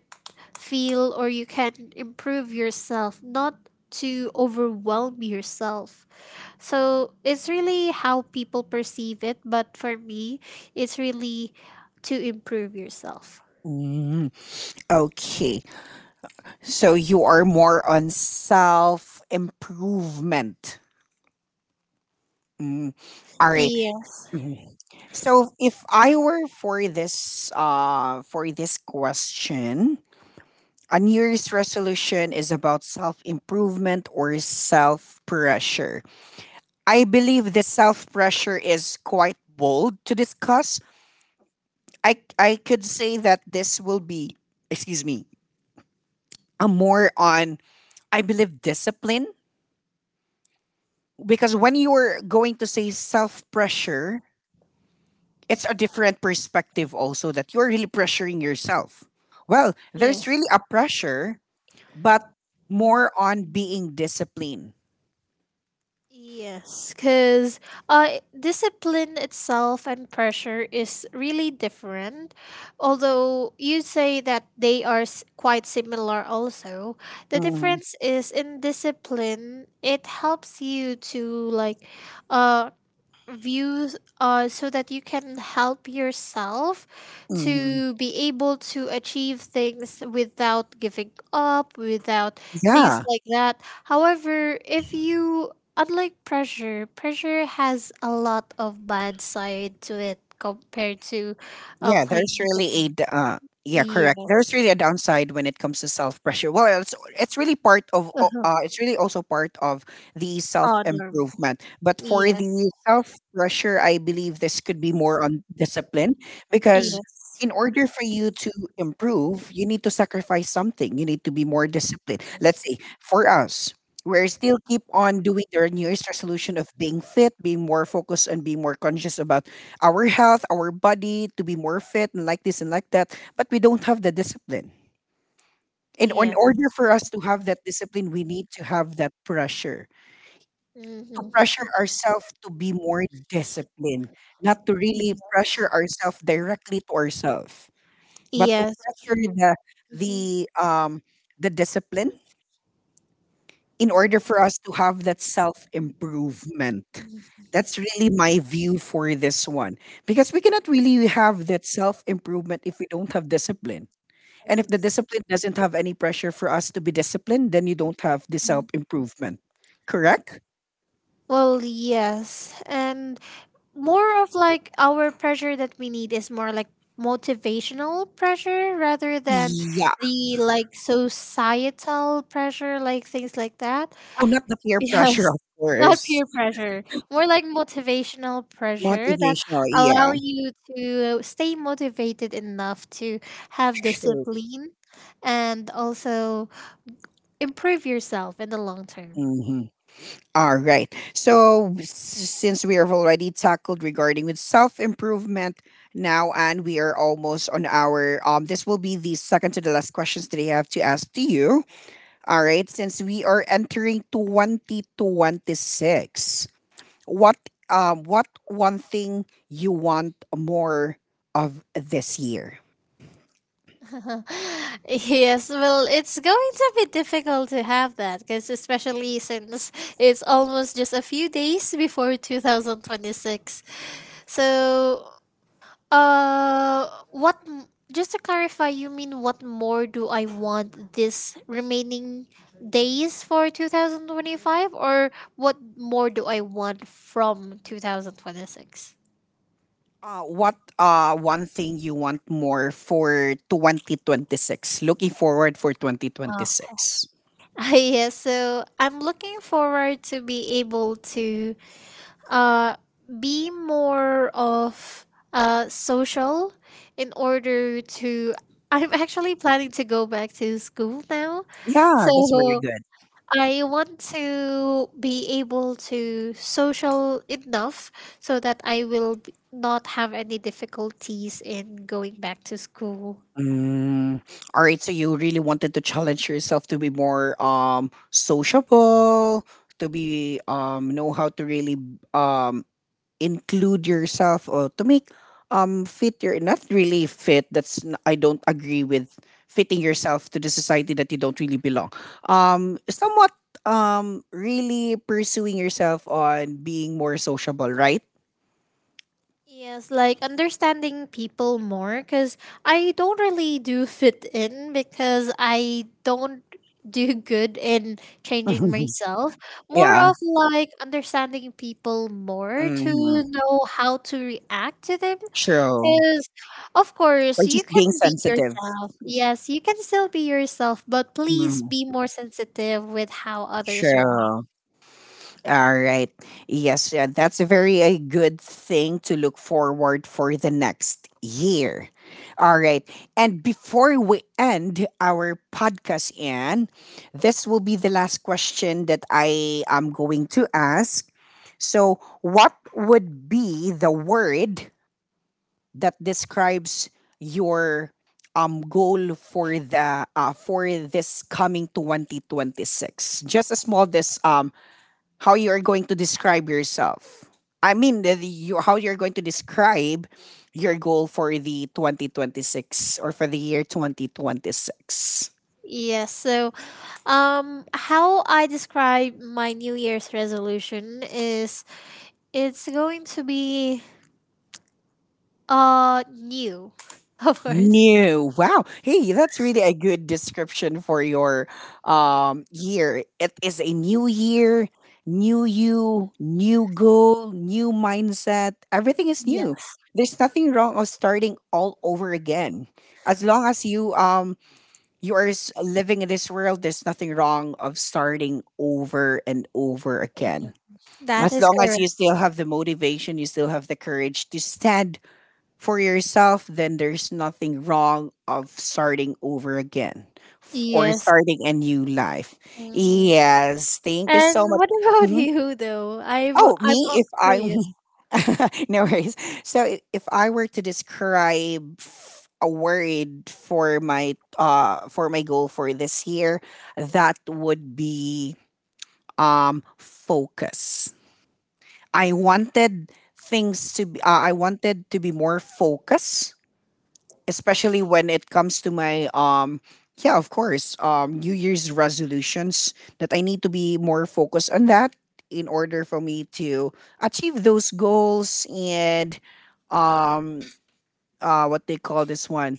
Speaker 2: feel or you can improve yourself, not to overwhelm yourself. So it's really how people perceive it, but for me, it's really to improve yourself.
Speaker 1: Mm, okay. So you are more on self improvement. Mm. All right.
Speaker 2: Yes,
Speaker 1: Mhm. So if I were for this uh for this question, a New Year's resolution is about self-improvement or self-pressure. I believe the self-pressure is quite bold to discuss. I I could say that this will be, excuse me, a more on, I believe, discipline, because when you are going to say self-pressure, it's a different perspective also that you're really pressuring yourself. Well, there's
Speaker 2: yes.
Speaker 1: really a pressure, but more on being disciplined.
Speaker 2: Yes, because uh, discipline itself and pressure is really different. Although you say that they are s- quite similar, also, the
Speaker 1: Mhm,
Speaker 2: difference is in discipline, it helps you to like uh, views uh, so that you can help yourself
Speaker 1: mhm.
Speaker 2: to be able to achieve things without giving up, without things
Speaker 1: Yeah.
Speaker 2: like that. However, if you, unlike pressure, pressure has a lot of bad side to it compared to uh,
Speaker 1: Yeah,
Speaker 2: playing
Speaker 1: there's really a
Speaker 2: discipline.
Speaker 1: d- uh, yeah, correct. There's
Speaker 2: Yes.
Speaker 1: really a downside when it comes to self pressure. Well, it's it's really part of o-
Speaker 2: Uh-huh.
Speaker 1: uh, it's really also part of the self
Speaker 2: Honor.
Speaker 1: improvement. But for
Speaker 2: Yes.
Speaker 1: the self pressure, I believe this could be more on discipline because
Speaker 2: Yes.
Speaker 1: in order for you to improve, you need to sacrifice something. You need to be more disciplined. Let's say for us. We're still keep on doing their New Year's resolution of being fit, being more focused, and being more conscious about our health, our body to be more fit and like this and like that, but we don't have the discipline. And in
Speaker 2: Yes.
Speaker 1: order for us to have that discipline, we need to have that pressure to
Speaker 2: Mm-hmm.
Speaker 1: pressure ourselves to be more disciplined, not to really
Speaker 2: Yes.
Speaker 1: pressure ourselves directly to ourselves, but to
Speaker 2: Yes.
Speaker 1: pressure the the
Speaker 2: Mhm.
Speaker 1: um the discipline in order for us to have that self improvement. That's really my view for this one. Because we cannot really have that self improvement if we don't have discipline. And if the discipline doesn't have any pressure for us to be disciplined, then you don't have the self improvement. Correct?
Speaker 2: Well, yes. And more of like our pressure that we need is more like motivational pressure rather than
Speaker 1: Yeah.
Speaker 2: the like societal pressure, like things like that.
Speaker 1: Oh, not the peer pressure,
Speaker 2: Yes.
Speaker 1: of
Speaker 2: Not
Speaker 1: course.
Speaker 2: peer pressure, more like motivational pressure that
Speaker 1: Motivational. Yeah,
Speaker 2: allow you to stay motivated enough to have
Speaker 1: true.
Speaker 2: discipline, and also improve yourself in the long term.
Speaker 1: Mhm. All right. So s- since we have already tackled regarding with self improvement now, and we are almost on our um, this will be the second to the last questions that I have to ask to you. All right. Since we are entering twenty twenty six, what um what one thing you want more of this year?
Speaker 2: Yes, well, it's going to be difficult to have that, because especially since it's almost just a few days before twenty twenty-six. So, uh, what, m- just to clarify, you mean what more do I want this remaining days for two thousand twenty-five, or what more do I want from two thousand twenty-six?
Speaker 1: Uh, what uh one thing you want more for twenty twenty six, looking forward for
Speaker 2: Ah,
Speaker 1: twenty twenty six?
Speaker 2: yes, so I'm looking forward to be able to uh, be more of uh, social in order to. I'm actually planning to go back to school now.
Speaker 1: Yeah, that's very
Speaker 2: So
Speaker 1: good.
Speaker 2: I want to be able to social enough so that I will b- not have any difficulties in going back to school.
Speaker 1: Mm. All right, so you really wanted to challenge yourself to be more um sociable, to be um know how to really um include yourself or to make um fit your, not really fit. That's n- I don't agree with fitting yourself to the society that you don't really belong. Um, somewhat um really pursuing yourself on being more sociable, right?
Speaker 2: Yes, like understanding people more, because I don't really do fit in because I don't do good in changing myself. More
Speaker 1: yeah.
Speaker 2: of like understanding people more to
Speaker 1: Mm-hmm.
Speaker 2: know how to react to them.
Speaker 1: True.
Speaker 2: Because, of
Speaker 1: Or
Speaker 2: course, you
Speaker 1: just
Speaker 2: can
Speaker 1: being
Speaker 2: be
Speaker 1: sensitive.
Speaker 2: yourself. Yes, you can still be yourself, but please
Speaker 1: Mm,
Speaker 2: be more sensitive with how others react.
Speaker 1: sure. All right. Yes, yeah, that's a very a good thing to look forward for the next year. All right. And before we end our podcast, Anne, this will be the last question that I am going to ask. So, what would be the word that describes your um goal for the uh, for this coming twenty twenty six? Just a small this um how you are going to describe yourself. I mean the, the- you, how you're going to describe your goal for the twenty twenty six or for the year twenty twenty six?
Speaker 2: Yes, so, Um, how I describe my New Year's resolution is it's going to be uh new, of course.
Speaker 1: New. Wow. Hey, that's really a good description for your um year. It is a new year, new you, new goal, new mindset. Everything is
Speaker 2: Yeah.
Speaker 1: new. There's nothing wrong of starting all over again. As long as you um you are s- living in this world, there's nothing wrong of starting over and over again.
Speaker 2: Mhm, that
Speaker 1: As
Speaker 2: is
Speaker 1: long as you
Speaker 2: correct.
Speaker 1: still have the motivation, you still have the courage to stand for yourself, then there's nothing wrong of starting over again f- or
Speaker 2: Yes.
Speaker 1: starting a new life.
Speaker 2: Mhm.
Speaker 1: Yes, thank you so
Speaker 2: And
Speaker 1: much.
Speaker 2: what about
Speaker 1: Mhm.
Speaker 2: you though? I've
Speaker 1: Oh,
Speaker 2: I'm
Speaker 1: me,
Speaker 2: all
Speaker 1: if I,
Speaker 2: curious.
Speaker 1: no worries. So i- if I were to describe f- a word for my uh for my goal for this year, that would be um focus. I wanted things to be, uh, I wanted to be more focused especially when it comes to my um yeah of course um new year's resolutions that I need to be more focused on that in order for me to achieve those goals and um uh what they call this one,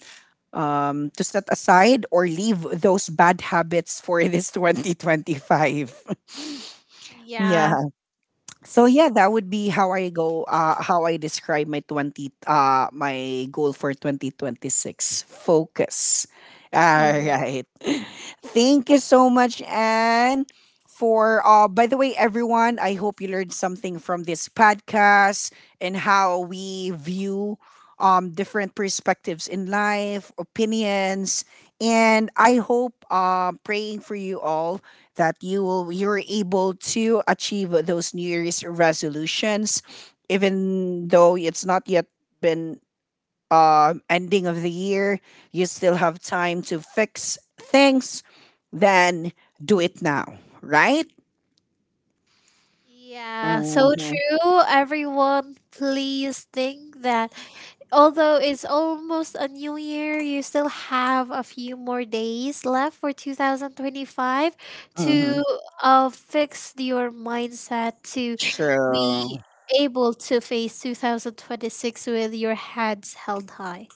Speaker 1: um to set aside or leave those bad habits for this twenty twenty five. yeah,
Speaker 2: Yeah.
Speaker 1: so yeah, that would be how I go. Uh, how I describe my twenty. Uh, my goal for twenty twenty six, focus. All right. Thank you so much, Anne. For uh, by the way, everyone, I hope you learned something from this podcast and how we view um different perspectives in life, opinions, and I hope um praying for you all that you will you're able to achieve those new year's resolutions, even though it's not yet been uh, ending of the year, you still have time to fix things, then do it now, right?
Speaker 2: Yeah, so
Speaker 1: Mm-hmm,
Speaker 2: true. Everyone, please think that although it's almost a new year, you still have a few more days left for two thousand twenty-five
Speaker 1: mm-hmm.
Speaker 2: to uh, fix your mindset to
Speaker 1: True.
Speaker 2: be able to face two thousand twenty-six with your heads held high.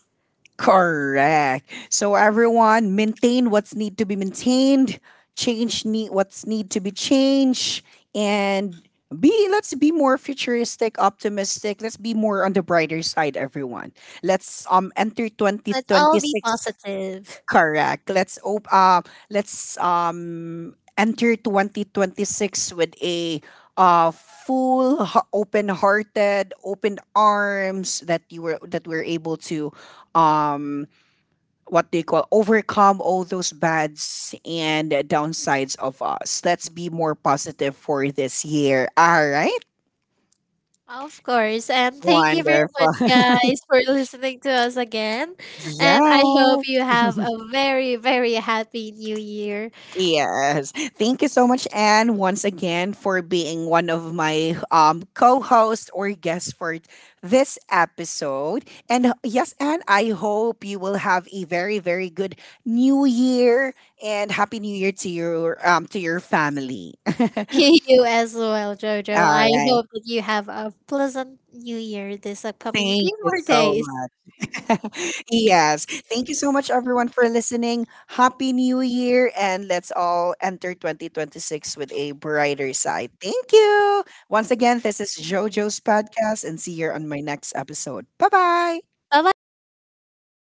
Speaker 1: Correct. So everyone, maintain what's need to be maintained, change need what's need to be changed, and be let's be more futuristic, optimistic. Let's be more on the brighter side, everyone. Let's um enter twenty
Speaker 2: Let's all
Speaker 1: twenty
Speaker 2: be
Speaker 1: six.
Speaker 2: positive.
Speaker 1: Correct. Let's op- uh, let's um enter twenty twenty six with a uh full open hearted, open arms that you were that we're able to um what they call overcome all those bads and downsides of us. Let's be more positive for this year. All right.
Speaker 2: Of course. And thank you very much,
Speaker 1: Wonderful.
Speaker 2: guys, for listening to us again. And I hope
Speaker 1: Yes.
Speaker 2: you have a very, very happy new year.
Speaker 1: Yes. Thank you so much, Anne, once again, for being one of my um co-hosts or guests for this episode. And yes, Anne, I hope you will have a very, very good new year and happy new year to your um to your family.
Speaker 2: You as well, Jojo.
Speaker 1: All
Speaker 2: I
Speaker 1: right.
Speaker 2: hope that you have a pleasant new year this upcoming
Speaker 1: Thank
Speaker 2: few
Speaker 1: you
Speaker 2: more
Speaker 1: so
Speaker 2: days.
Speaker 1: much. Yes. Thank you so much, everyone, for listening. Happy New Year, and let's all enter twenty twenty six with a brighter side. Thank you. Once again, this is JoJo's podcast, and see you on my next episode. Bye bye.
Speaker 2: Bye bye, guys.